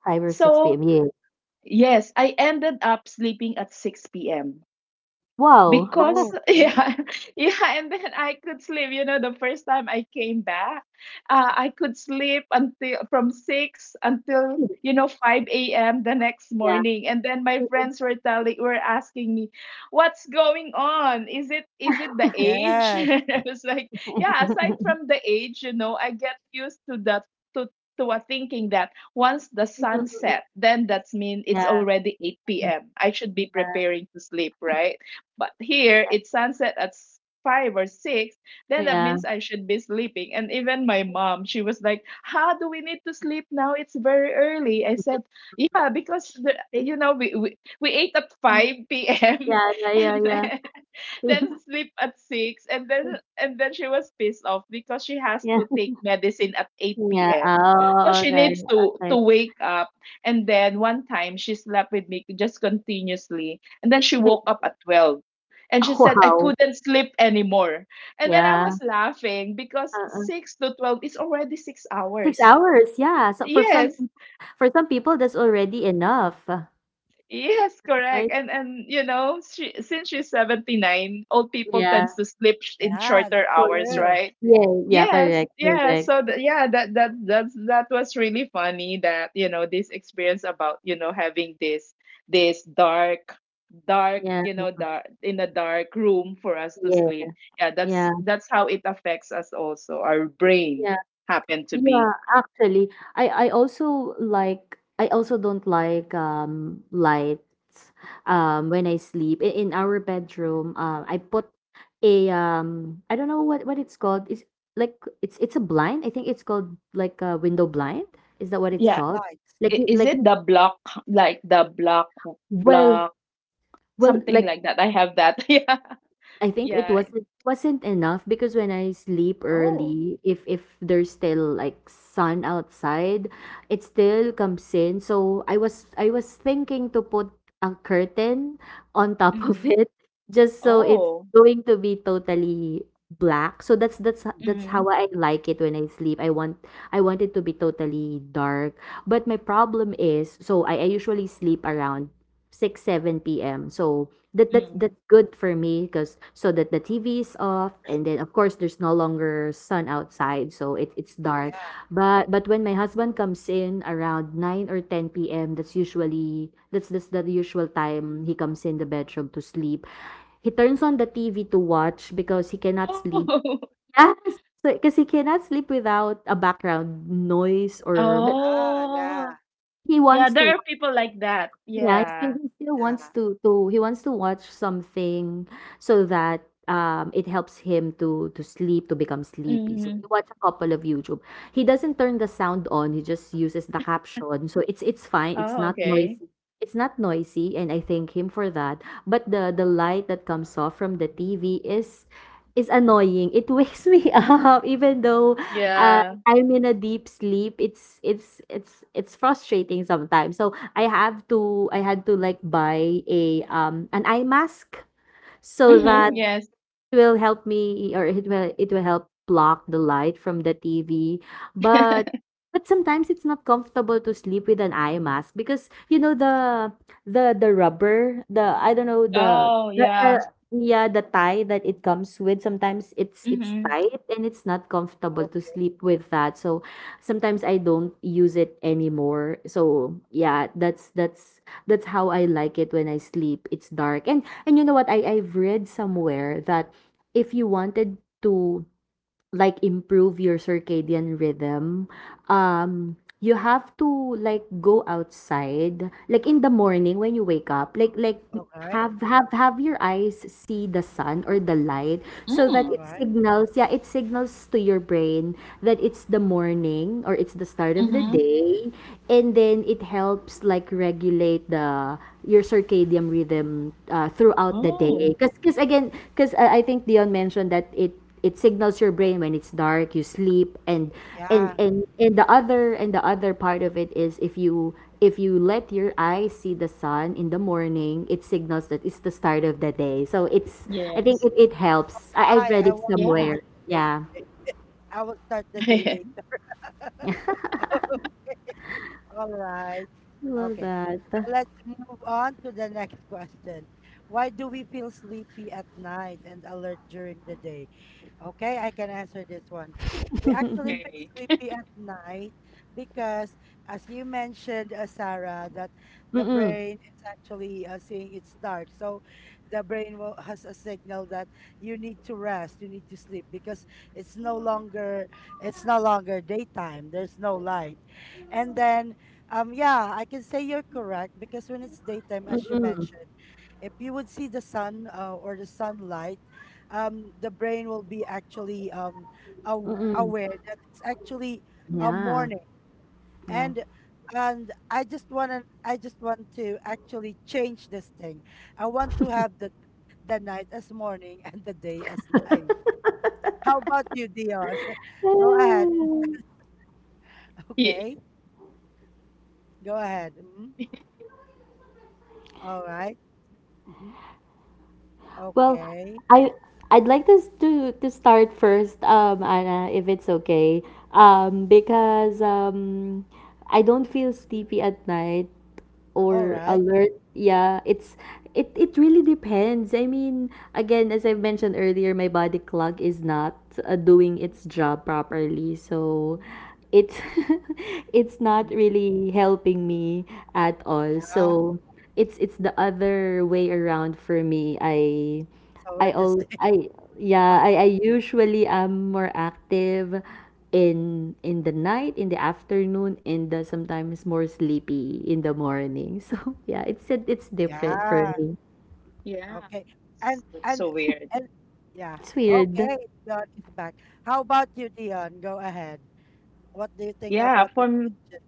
5 or 6
So,
PM, yeah.
yes, I ended up sleeping at 6 p.m.
Wow.
because
Okay.
yeah yeah, and then I could sleep, the first time I came back, I could sleep until from 6 until, 5 a.m. the next
Yeah.
morning. And then my friends were asking me, what's going on? Is it the age?
Yes.
I was like, yeah, aside from the age, I get used to that, to to a thinking that once the sun set, then that's mean it's
Yeah,
already 8 p.m., I should be
yeah,
preparing to sleep, right? But here it's sunset at five or six. Then that
yeah.
means I should be sleeping. And even my mom, she was like, how do we need to sleep now? It's very early. I said, yeah, because the,
Six,
you know, we ate at 5 p.m.
yeah, yeah,
and
yeah,
then
yeah.
then sleep at six, and then she was pissed off because she has
Yeah,
to take medicine at 8
yeah.
p.m. So
Oh,
she
okay,
needs to
okay.
to wake up, and then one time she slept with me just continuously, and then she woke up at 12 and she said, I
Wow.
couldn't sleep anymore. And then I
Yeah.
was laughing because
Uh-uh.
6 to 12 is already six
6
hours.
hours, yeah. So
Yes,
for some people, that's already enough,
yes, correct. And,
right?
and she, since she's 79, old people
Yeah.
tends to sleep in
Yeah,
shorter
that's
hours,
Okay.
true.
right?
Yeah, yeah,
Yes,
correct,
yeah.
correct.
So that was really funny that, this experience about, having this dark dark,
Yeah,
you know, dark in a dark room for us to
yeah,
sleep. Yeah, that's
yeah.
that's how it affects us also. Our brain
Yeah,
happened to
yeah,
be.
actually, I also don't like lights
Mhm.
when I sleep. In our bedroom, I put a, I don't know what it's called. It's like it's a blind. I think it's called, like, a window blind. Is that what it's
Yeah,
Yeah.
called?
blights.
Like you
Is
like
it
you-
the block, like the block
well
block
well,
something
like,
like that? I have that. Yeah.
I think it
Yeah.
wasn't enough because when I sleep
Oh.
early, if there's still, like, sun outside, it still comes in. So I was thinking to put a curtain on top of
Mm-hmm.
it just so it's
Oh.
going to be totally black. So that's
Mm-hmm.
how I like it when I sleep. I want it to be totally dark. But my problem is, so I usually sleep around 6 7 p.m. So that that's
Mm-hmm.
that's good for me because, so that, the TV is off, and then, of course, there's no longer sun outside, so it's dark.
Yeah.
But when my husband comes in around 9 or 10 p.m, that's the usual time he comes in the bedroom to sleep. He turns on the TV to watch because he cannot sleep.
Oh.
Yes. So because he cannot sleep without a background noise, or, but
Ah, yeah,
Oh,
he
yeah,
wants
there
to,
are people like that.
yeah,
Yeah.
he still wants
yeah.
to to he wants to watch something so that it helps him to sleep, to become sleepy. So
Mhm.
he watch a couple of YouTube. He doesn't turn the sound on, he just uses the caption. So it's fine, it's
Oh,
not
okay.
noisy. It's not noisy, and I thank him for that. But the light that comes off from the TV is annoying. It wakes me up even though, uh,
Yeah.
I'm in a deep sleep. It's frustrating sometimes. So I had to, like, buy a an eye mask so
Mhm.
that
Oh,
Yes.
will help me, or it will help block the light from the TV. But but sometimes it's not comfortable to sleep with an eye mask because, you know, the rubber, the I don't know
Oh,
the
yeah.
yeah, the tie that it comes with sometimes it's
Mhm.
tight, and it's not comfortable to sleep with that. So sometimes I don't use it anymore. So yeah, that's how I like it when I sleep. It's dark. And you know what? I've read somewhere that if you wanted to, like, improve your circadian rhythm,
mm,
um you have to, like, go outside, like, in the morning when you wake up, like,
all right,
have your eyes see the sun or the light, so that
Mm.
all right.
it signals to your brain that it's the morning or it's the start of the
Mhm.
day, and then it helps, like, regulate the, your circadian rhythm, throughout the
Oh,
day because, again, because I think Dion mentioned that it signals your brain: when it's dark you sleep, and and
Yeah.
and and the other and the other part of it is, if you let your eyes see the sun in the morning, it signals that it's the start of the day, so it's I think
yes.
it helps. I've read
I
it
will
Yeah.
start
somewhere,
the day
yeah.
today. I will start the day later. All right.
Love
Okay.
that.
So let's move on to the next question. Why do we feel sleepy at night and alert during the day? Okay, I can answer this one. We actually feel
Okay.
sleepy at night because, as you mentioned, Sarah, that the
Mm-mm,
brain is actually seeing it's dark. So the brain will, has a signal that you need to rest, you need to sleep because it's no longer it's no longer daytime. There's no light, and then yeah, I can say you're correct because when it's daytime, as you
mm-mm,
mentioned, if you would see the sun or the sunlight, the brain will be actually
mm-mm.
aware that it's actually a
Yeah,
morning.
yeah.
And I just want to actually change this thing. I want to have the night as morning and the day as night. How about you, Dion? Go ahead.
Ah.
Ye-
Okay, go ahead. Mhm. All right. Mhm.
Well,
Okay.
I I'd like this to start first, Anna, if it's okay, because I don't feel sleepy at night
All
or
right.
alert. Yeah, it really depends. I mean, again, as I've mentioned earlier, my body clock is not, doing its job properly, so it's it's not
Mhm.
really helping me at all.
Yeah.
So it's the other way around for me.
So
I
we're just
all I yeah,
on.
I usually am more active in the night, in the afternoon, and, sometimes more sleepy in the morning. So yeah, it's different for
Yeah.
me.
Yeah.
Okay. And
That's
and
so weird.
and yeah.
It's weird.
Okay. Dion is back. How about you, Dion? Go ahead. What do you think
Yeah.
about the question?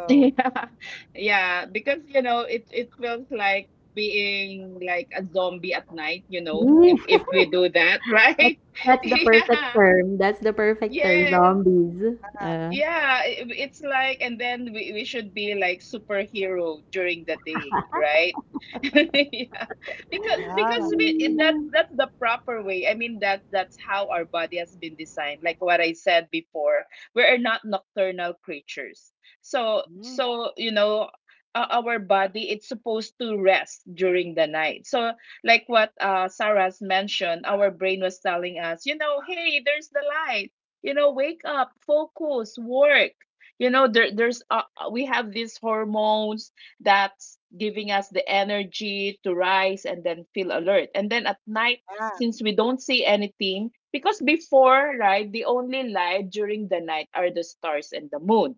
Yeah, yeah, because you know, it feels like being like a zombie at night, you know, if
Yeah,
if we do that,
that's,
right?
that's the perfect
Yeah.
term. That's the perfect term,
Yes.
zombies.
Yeah, it's like, and then we should be like superhero during the day, right? Yeah, because
Yeah.
that's the proper way. I mean that's how our body has been designed, like what I said before. We are not nocturnal creatures, so
Mm,
you know, our body, it's supposed to rest during the night. So like what uh, Sarah's mentioned, our brain was telling us, you know, hey, there's the light, you know, wake up, focus, work. You know, there there's we have these hormones that's giving us the energy to rise and then feel alert. And then at night,
yeah.
since we don't see anything, because before, right, the only light during the night are the stars and the moon.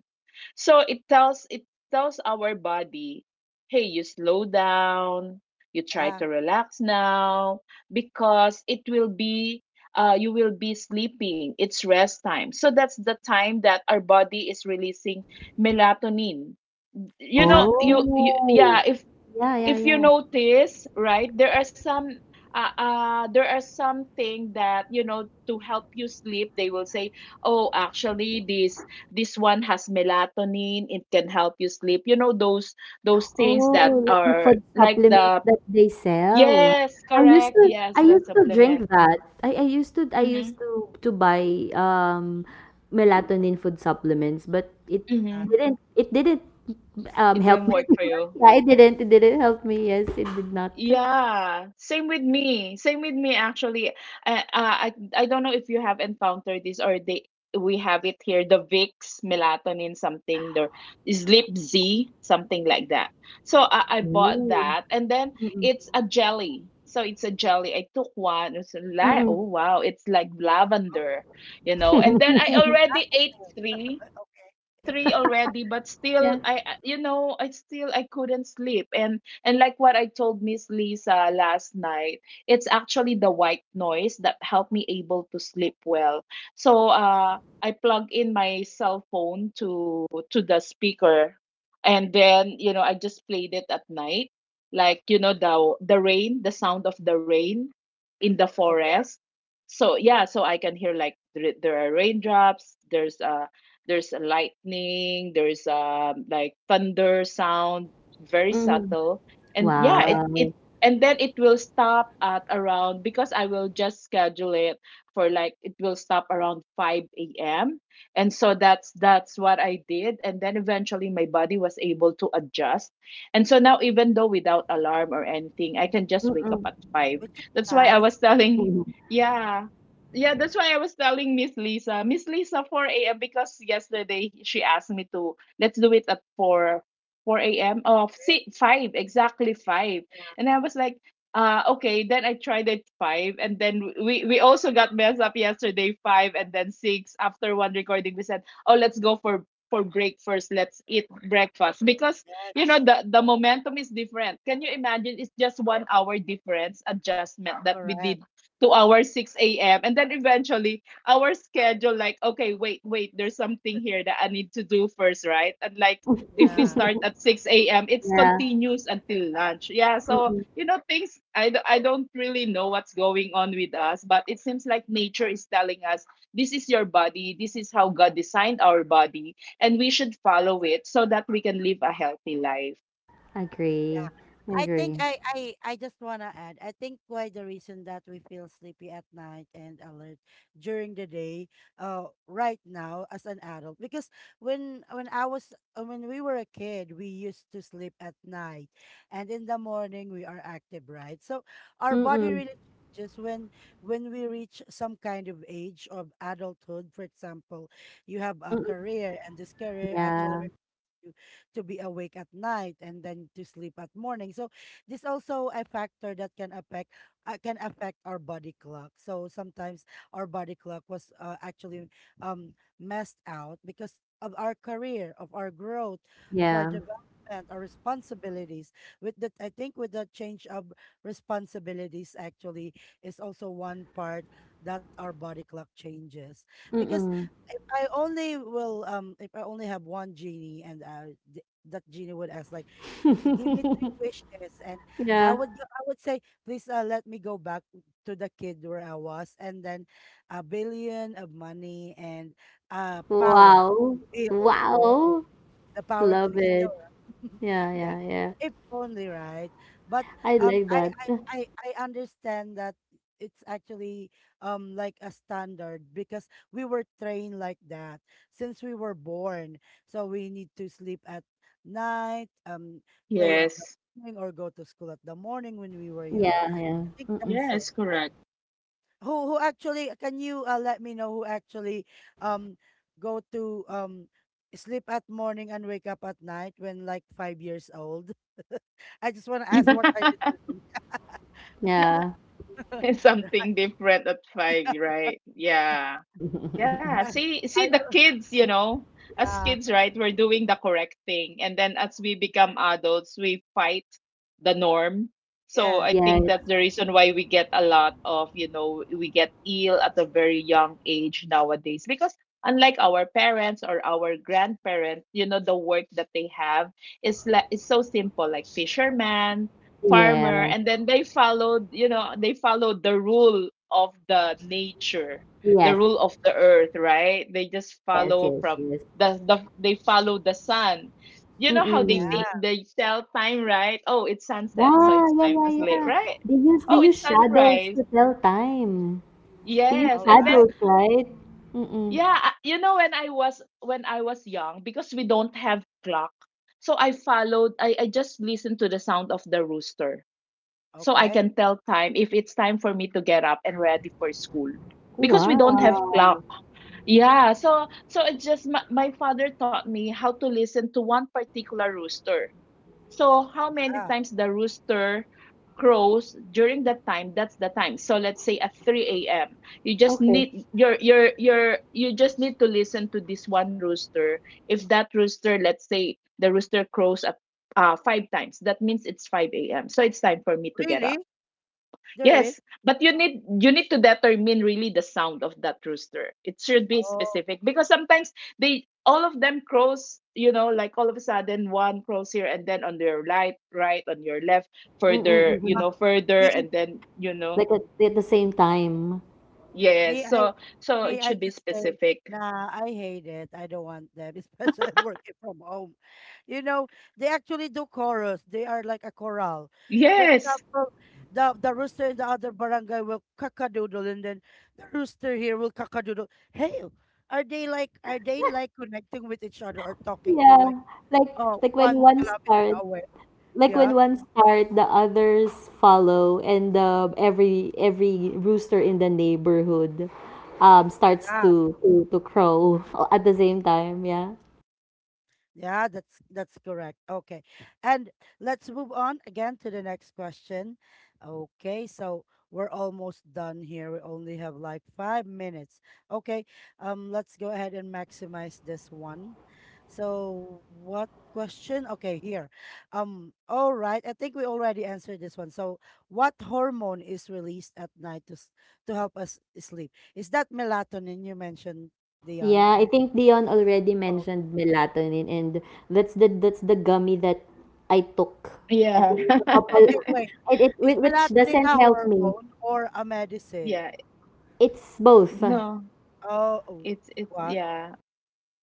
So it tells our body, hey, you slow down, you try
Yeah.
to relax now, because it will be you will be sleeping. It's rest time. So that's the time that our body is releasing melatonin. You know,
Yeah.
you,
Correct.
you yeah
Oh,
if
yeah, yeah,
you
yeah.
notice, right, there are some there are something that, you know, to help you sleep, they will say, oh, actually, this one has melatonin, it can help you sleep, you know, those things that
Oh, like the
are
food
like
supplements
the—
that they sell.
yes,
I used
correct,
to
yes,
I
the
used to drink
supplement.
that. I
Mm-hmm,
used to buy melatonin food supplements, but it
Uh,
mm-hmm.
didn't it didn't
It didn't
help me.
work
students,
for you.
Yeah, it didn't help me. Yes, it did not.
Yeah, same with me. Same with me actually. I don't know if you have encountered this, or they, we have it here, the Vicks melatonin something, the Sleep Z something like that. So I bought
Mm.
that, and then
Mm-mm.
it's a jelly. So it's a jelly. I took one. It's like,
Mm-mm.
oh wow, it's like
oh,
lavender, you know. And then I already ate three.
okay.
Already, but
Yeah.
still you know, I still I couldn't sleep. And like what I told Miss Lisa last night, it's actually the white noise that helped me able to sleep well. So uh, I plug in my cell phone to the speaker, and then, you know, I just played it at night, like, you know, the rain, the sound of the rain in the
Okay.
forest. So yeah, so I can hear like there are raindrops, there's a lightning, there's um, like thunder sound, very
Mm-mm.
subtle. And
All
yeah, it
right.
Wow.
it and then it will stop at around, because I will just schedule it for like, it will stop around 5 a.m. And so that's what I did. And then eventually my body was able to adjust. And so now, even though without alarm or anything, I can just wake
Mm-mm.
up at 5.
Which is
That's why I
nice.
was telling,
Mm-mm.
yeah, yeah, that's why I was telling Miss Lisa, Miss Lisa, 4 a.m., because yesterday she asked me to let's do it at 4 4 a.m. Oh, si 5 exactly 5. And I was like, okay. Then I tried it 5, and then we also got messed up yesterday 5 and then 6. After one recording, we said, oh, let's go for break first. Let's eat breakfast, because
Yes.
you know the momentum is different. Can you imagine? It's just 1 hour difference adjustment that we
Correct.
did to our 6 a.m. And then eventually our schedule, like, okay, wait, wait, there's something here that I need to do first, right? And like if we
Yeah.
start at 6 a.m., it's
Yeah.
continuous until lunch. Yeah. So,
Mm-mm.
you know, things, I don't really know what's going on with us, but it seems like nature is telling us, this is your body. This is how God designed our body. And we should
Yes.
follow it so that we can live a healthy life.
Agree.
Yeah.
I
I think
agree.
I just wanna add. I think why the reason that we feel sleepy at night and alert during the day, right now as an adult, because when I was when we were a kid, we used to sleep at night, and in the morning we are active, right? So our body
Mm-mm.
really changes when we reach some kind of age of adulthood. For example, you have a
Mm-mm.
career, and this career actually
Yeah.
to be awake at night and then to sleep at morning. So this also a factor that can affect our body clock. So sometimes our body clock was actually messed out because of our career, of our growth, of our
Yeah.
development, our responsibilities. With that, I think with the change of responsibilities, actually, is also one part that our body clock changes because
Mm-mm.
if I only have one genie and that genie would ask like give me three wishes and
Yeah.
I would say Please let me go back to the kid where I was, and then a billion of money and power
Wow.
to... Oh,
Wow.
the power to
Love
heal.
it. Yeah,
Yeah,
yeah, yeah.
if only, right? But
I like
I
that.
I I I understand that it's actually like a standard because we were trained like that since we were born. So we need to sleep at night, play at the
Yes.
morning, or go to school at the morning when we were young.
Yeah.
I think
Mm-mm.
that's it.
Yes, correct.
Who actually, can you let me know who actually um go to sleep at morning and wake up at night when like 5 years old? I just want to ask, what are you doing?
Yeah.
Something different at 5,
Right.
right? Yeah. Yeah,
are,
see the
are you...
kids, you know, as
yeah,
kids, right, we're doing the correct thing. And then as we become adults, we fight the norm. So
yes,
I
Yeah.
think that's the reason why we get a lot of, you know, we get ill at a very young age nowadays, because unlike our parents or our grandparents, you know, the work that they have is so simple, like fisherman, farmer,
Yeah.
and then they followed, you know, they followed the rule of the nature, the
Yes.
rule of the earth, right? They just
Yes.
follow
Yes.
from
Yes.
they follow the sun. You know how
Mm-mm.
yeah,
they tell time, right? Oh, it's sunset, so
Yeah.
it's
Yeah.
time
Yeah.
to sleep,
Yeah.
right?
They use they
Oh,
use
it's
shadows
sunrise.
to tell time. They use
Yes,
all
and then,
right,
shadows, right? Mm-mm.
yeah, you know, when I was young, because we don't have clock. So I followed, I just listened to the sound of the rooster. So I
okay,
can tell time if it's time for me to get up and ready for school, because we don't have clock.
Wow.
Yeah, so so it just my father taught me how to listen to one particular rooster. So how many
ah,
times the rooster crows during that time, that's the time. So let's say at 3 a.m. you just
Okay.
need you just need to listen to this one rooster. If that rooster, let's say the rooster crows at 5 times, that means it's 5 a.m. So it's time for me to get up.
really? There is...
Yes, but you need to determine really the sound of that rooster. It should be
oh,
specific, because sometimes they all of them crows, you know, like all of a sudden one crows here, and then on your right, right, on your left,
Mm-mm.
further, you
uh,
Mm-mm.
know, further,
me
and then, you know.
Like at the same time.
Yes.
me I
So
me,
it
I
should be
just say,
specific.
nah, I hate it. I don't want them. Especially I'm working from home. You know, they actually do chorus. They are like a choral. For
Yes.
example, the rooster in the other barangay will kakadoodle, and then the rooster here will kakadoodle. Hey, are they like connecting with each other or talking to like,
Yeah. Like
oh,
like when
one
one
kilometer
starts.
away?
Like when
Yeah.
one start the others follow, and every rooster in the neighborhood starts to crow at the same time, yeah,
Yeah, that's correct. Okay. And let's move on again to the next question. Okay, so we're almost done here. We only have like 5 minutes. Okay. Let's go ahead and maximize this one. So what question? Okay, here. All right. I think we already answered this one. So what hormone is released at night to to help us sleep? Is that melatonin you mentioned,
yeah.
Dion?
I think Dion already
Oh,
mentioned melatonin, and that's the gummy that I took, I
Yeah.
think, a couple.
okay, wait.
It,
Is
which
melatonin
doesn't
a
help me.
hormone or a
Yeah.
medicine?
It's both,
No.
Oh, oh,
It's
what?
yeah.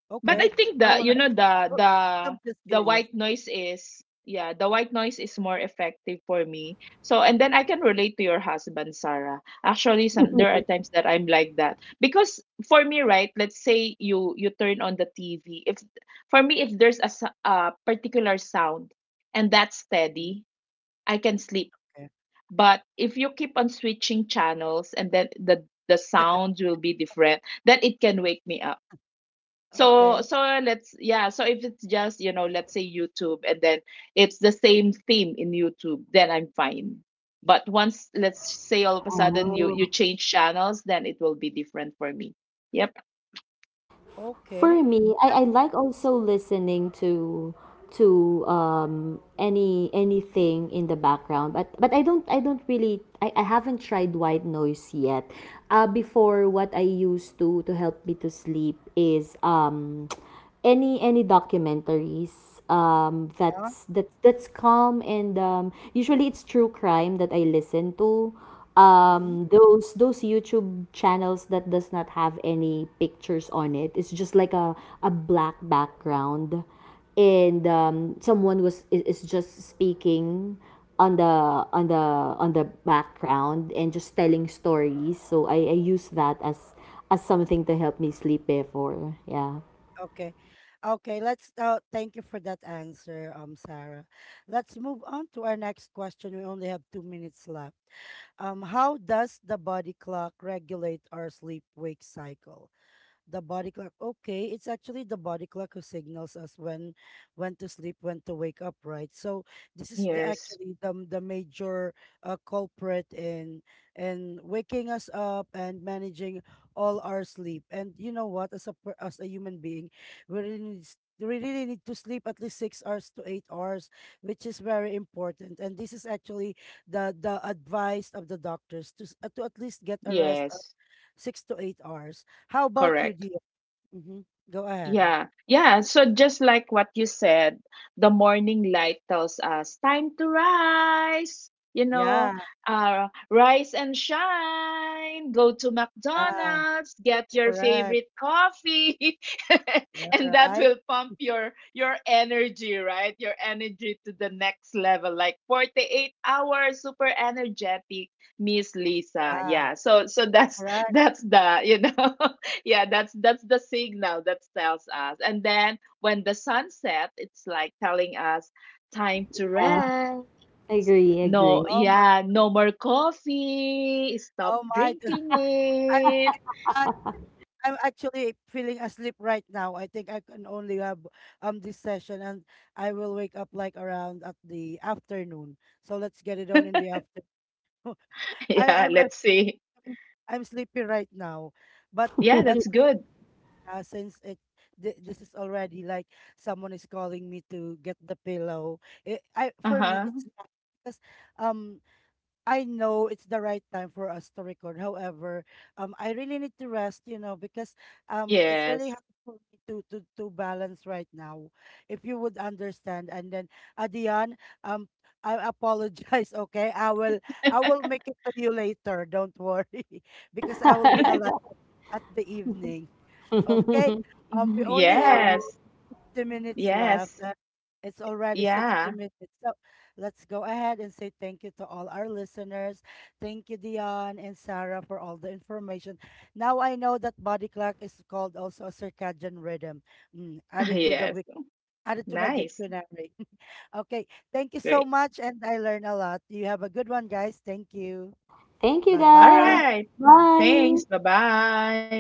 yeah.
But I
Okay.
think
I
the
wanna...
you know
I'm just
the
curious.
white noise is— yeah, the white noise is more effective for me. So, and then I can relate to your husband, Sarah. Actually, some there are times that I'm like that. Because for me, right, let's say you turn on the TV. If, for me, if there's a, a particular sound and that's
Mm,
steady, I can sleep.
okay.
But if you keep on switching channels, and then the sounds will be different, then it can wake me up. So
Okay.
let's, yeah, so if it's just, you know, let's say YouTube, and then it's the same theme in YouTube, then I'm fine. But once let's say all of a sudden you
Oh.
you change channels, then it will be different for me. Yep.
Okay.
For me, I,
That's
I like also listening to anything in the background, but I don't really, I haven't tried white noise yet. Before, what I used to help me to sleep is, any documentaries,
uh,
that's calm, and, usually it's true crime that I listen to,
mhm,
those YouTube channels that does not have any pictures on it. It's just like a black background, and, someone is, just speaking on the, on the background, and just telling stories. So I use that as, something to help me sleep before, yeah.
okay. Okay, let's thank you for that answer, Sarah. Let's move on to our next question. We only have 2 minutes left. How does the body clock regulate our sleep wake cycle? The body clock. Okay, it's actually the body clock who signals us when to sleep, when to wake up, right? So this is the,
Yes.
actually the major culprit in waking us up and managing all our sleep. And you know what? As a human being, we really need to sleep at least 6 hours to 8 hours, which is very important. And this is actually the advice of the doctors to to at least get a rest of
Yes.
6 to 8 hours. How about you?
Correct.
Do... Mhm. Go ahead.
Yeah, yeah. So just like what you said, the morning light tells us time to rise. You know,
Yeah,
rise and shine. Go to
yeah,
McDonald's, get your
correct.
favorite coffee,
Yeah,
and that
right.
will pump your energy, right? Your energy to the next level, like 48 hours, super energetic, Miss Lisa.
Yeah,
Yeah. So that's
correct.
that's the you know yeah, that's the signal that tells us. And then when the sun set, it's like telling us time to
Yeah.
rest.
Agree,
No,
agree.
Oh my,
yeah, no more coffee, stop
oh my.
drinking
I,
it.
you know what? I'm actually feeling asleep right now. I think I can only have this session, and I will wake up like around at the afternoon. So let's get it on in the afternoon. I
Yeah,
am...
let's see.
I'm sleepy right now, but...
Yeah,
but
that's good.
yeah, since it this is already like someone is calling me to get the pillow. It, I for me
Uh-huh.
it's not because um I know it's the right time for us to record. However, I really need to rest, you know, because it's really
Yes.
hard for me to balance right now. If you would understand, and then Adian, um I apologize. Okay, I will make it to you later. Don't worry, because I will be alive at the evening. Okay.
Mhm.
We only have
Yeah.
Yes.
50 minutes left.
Yes.
It's already 60
Yeah.
minutes. So let's go ahead and say thank you to all our listeners. Thank you, Dion and Sarah, for all the information. Now I know that body clock is called also a circadian rhythm. Mm, added to the
Yes.
added to my
Nice.
dictionary. Okay. Thank you so
Great.
much, and I learned a lot. You have a good one, guys. Thank you.
Thank you
Bye
All
guys.
bye.
right.
Bye.
Thanks, bye bye.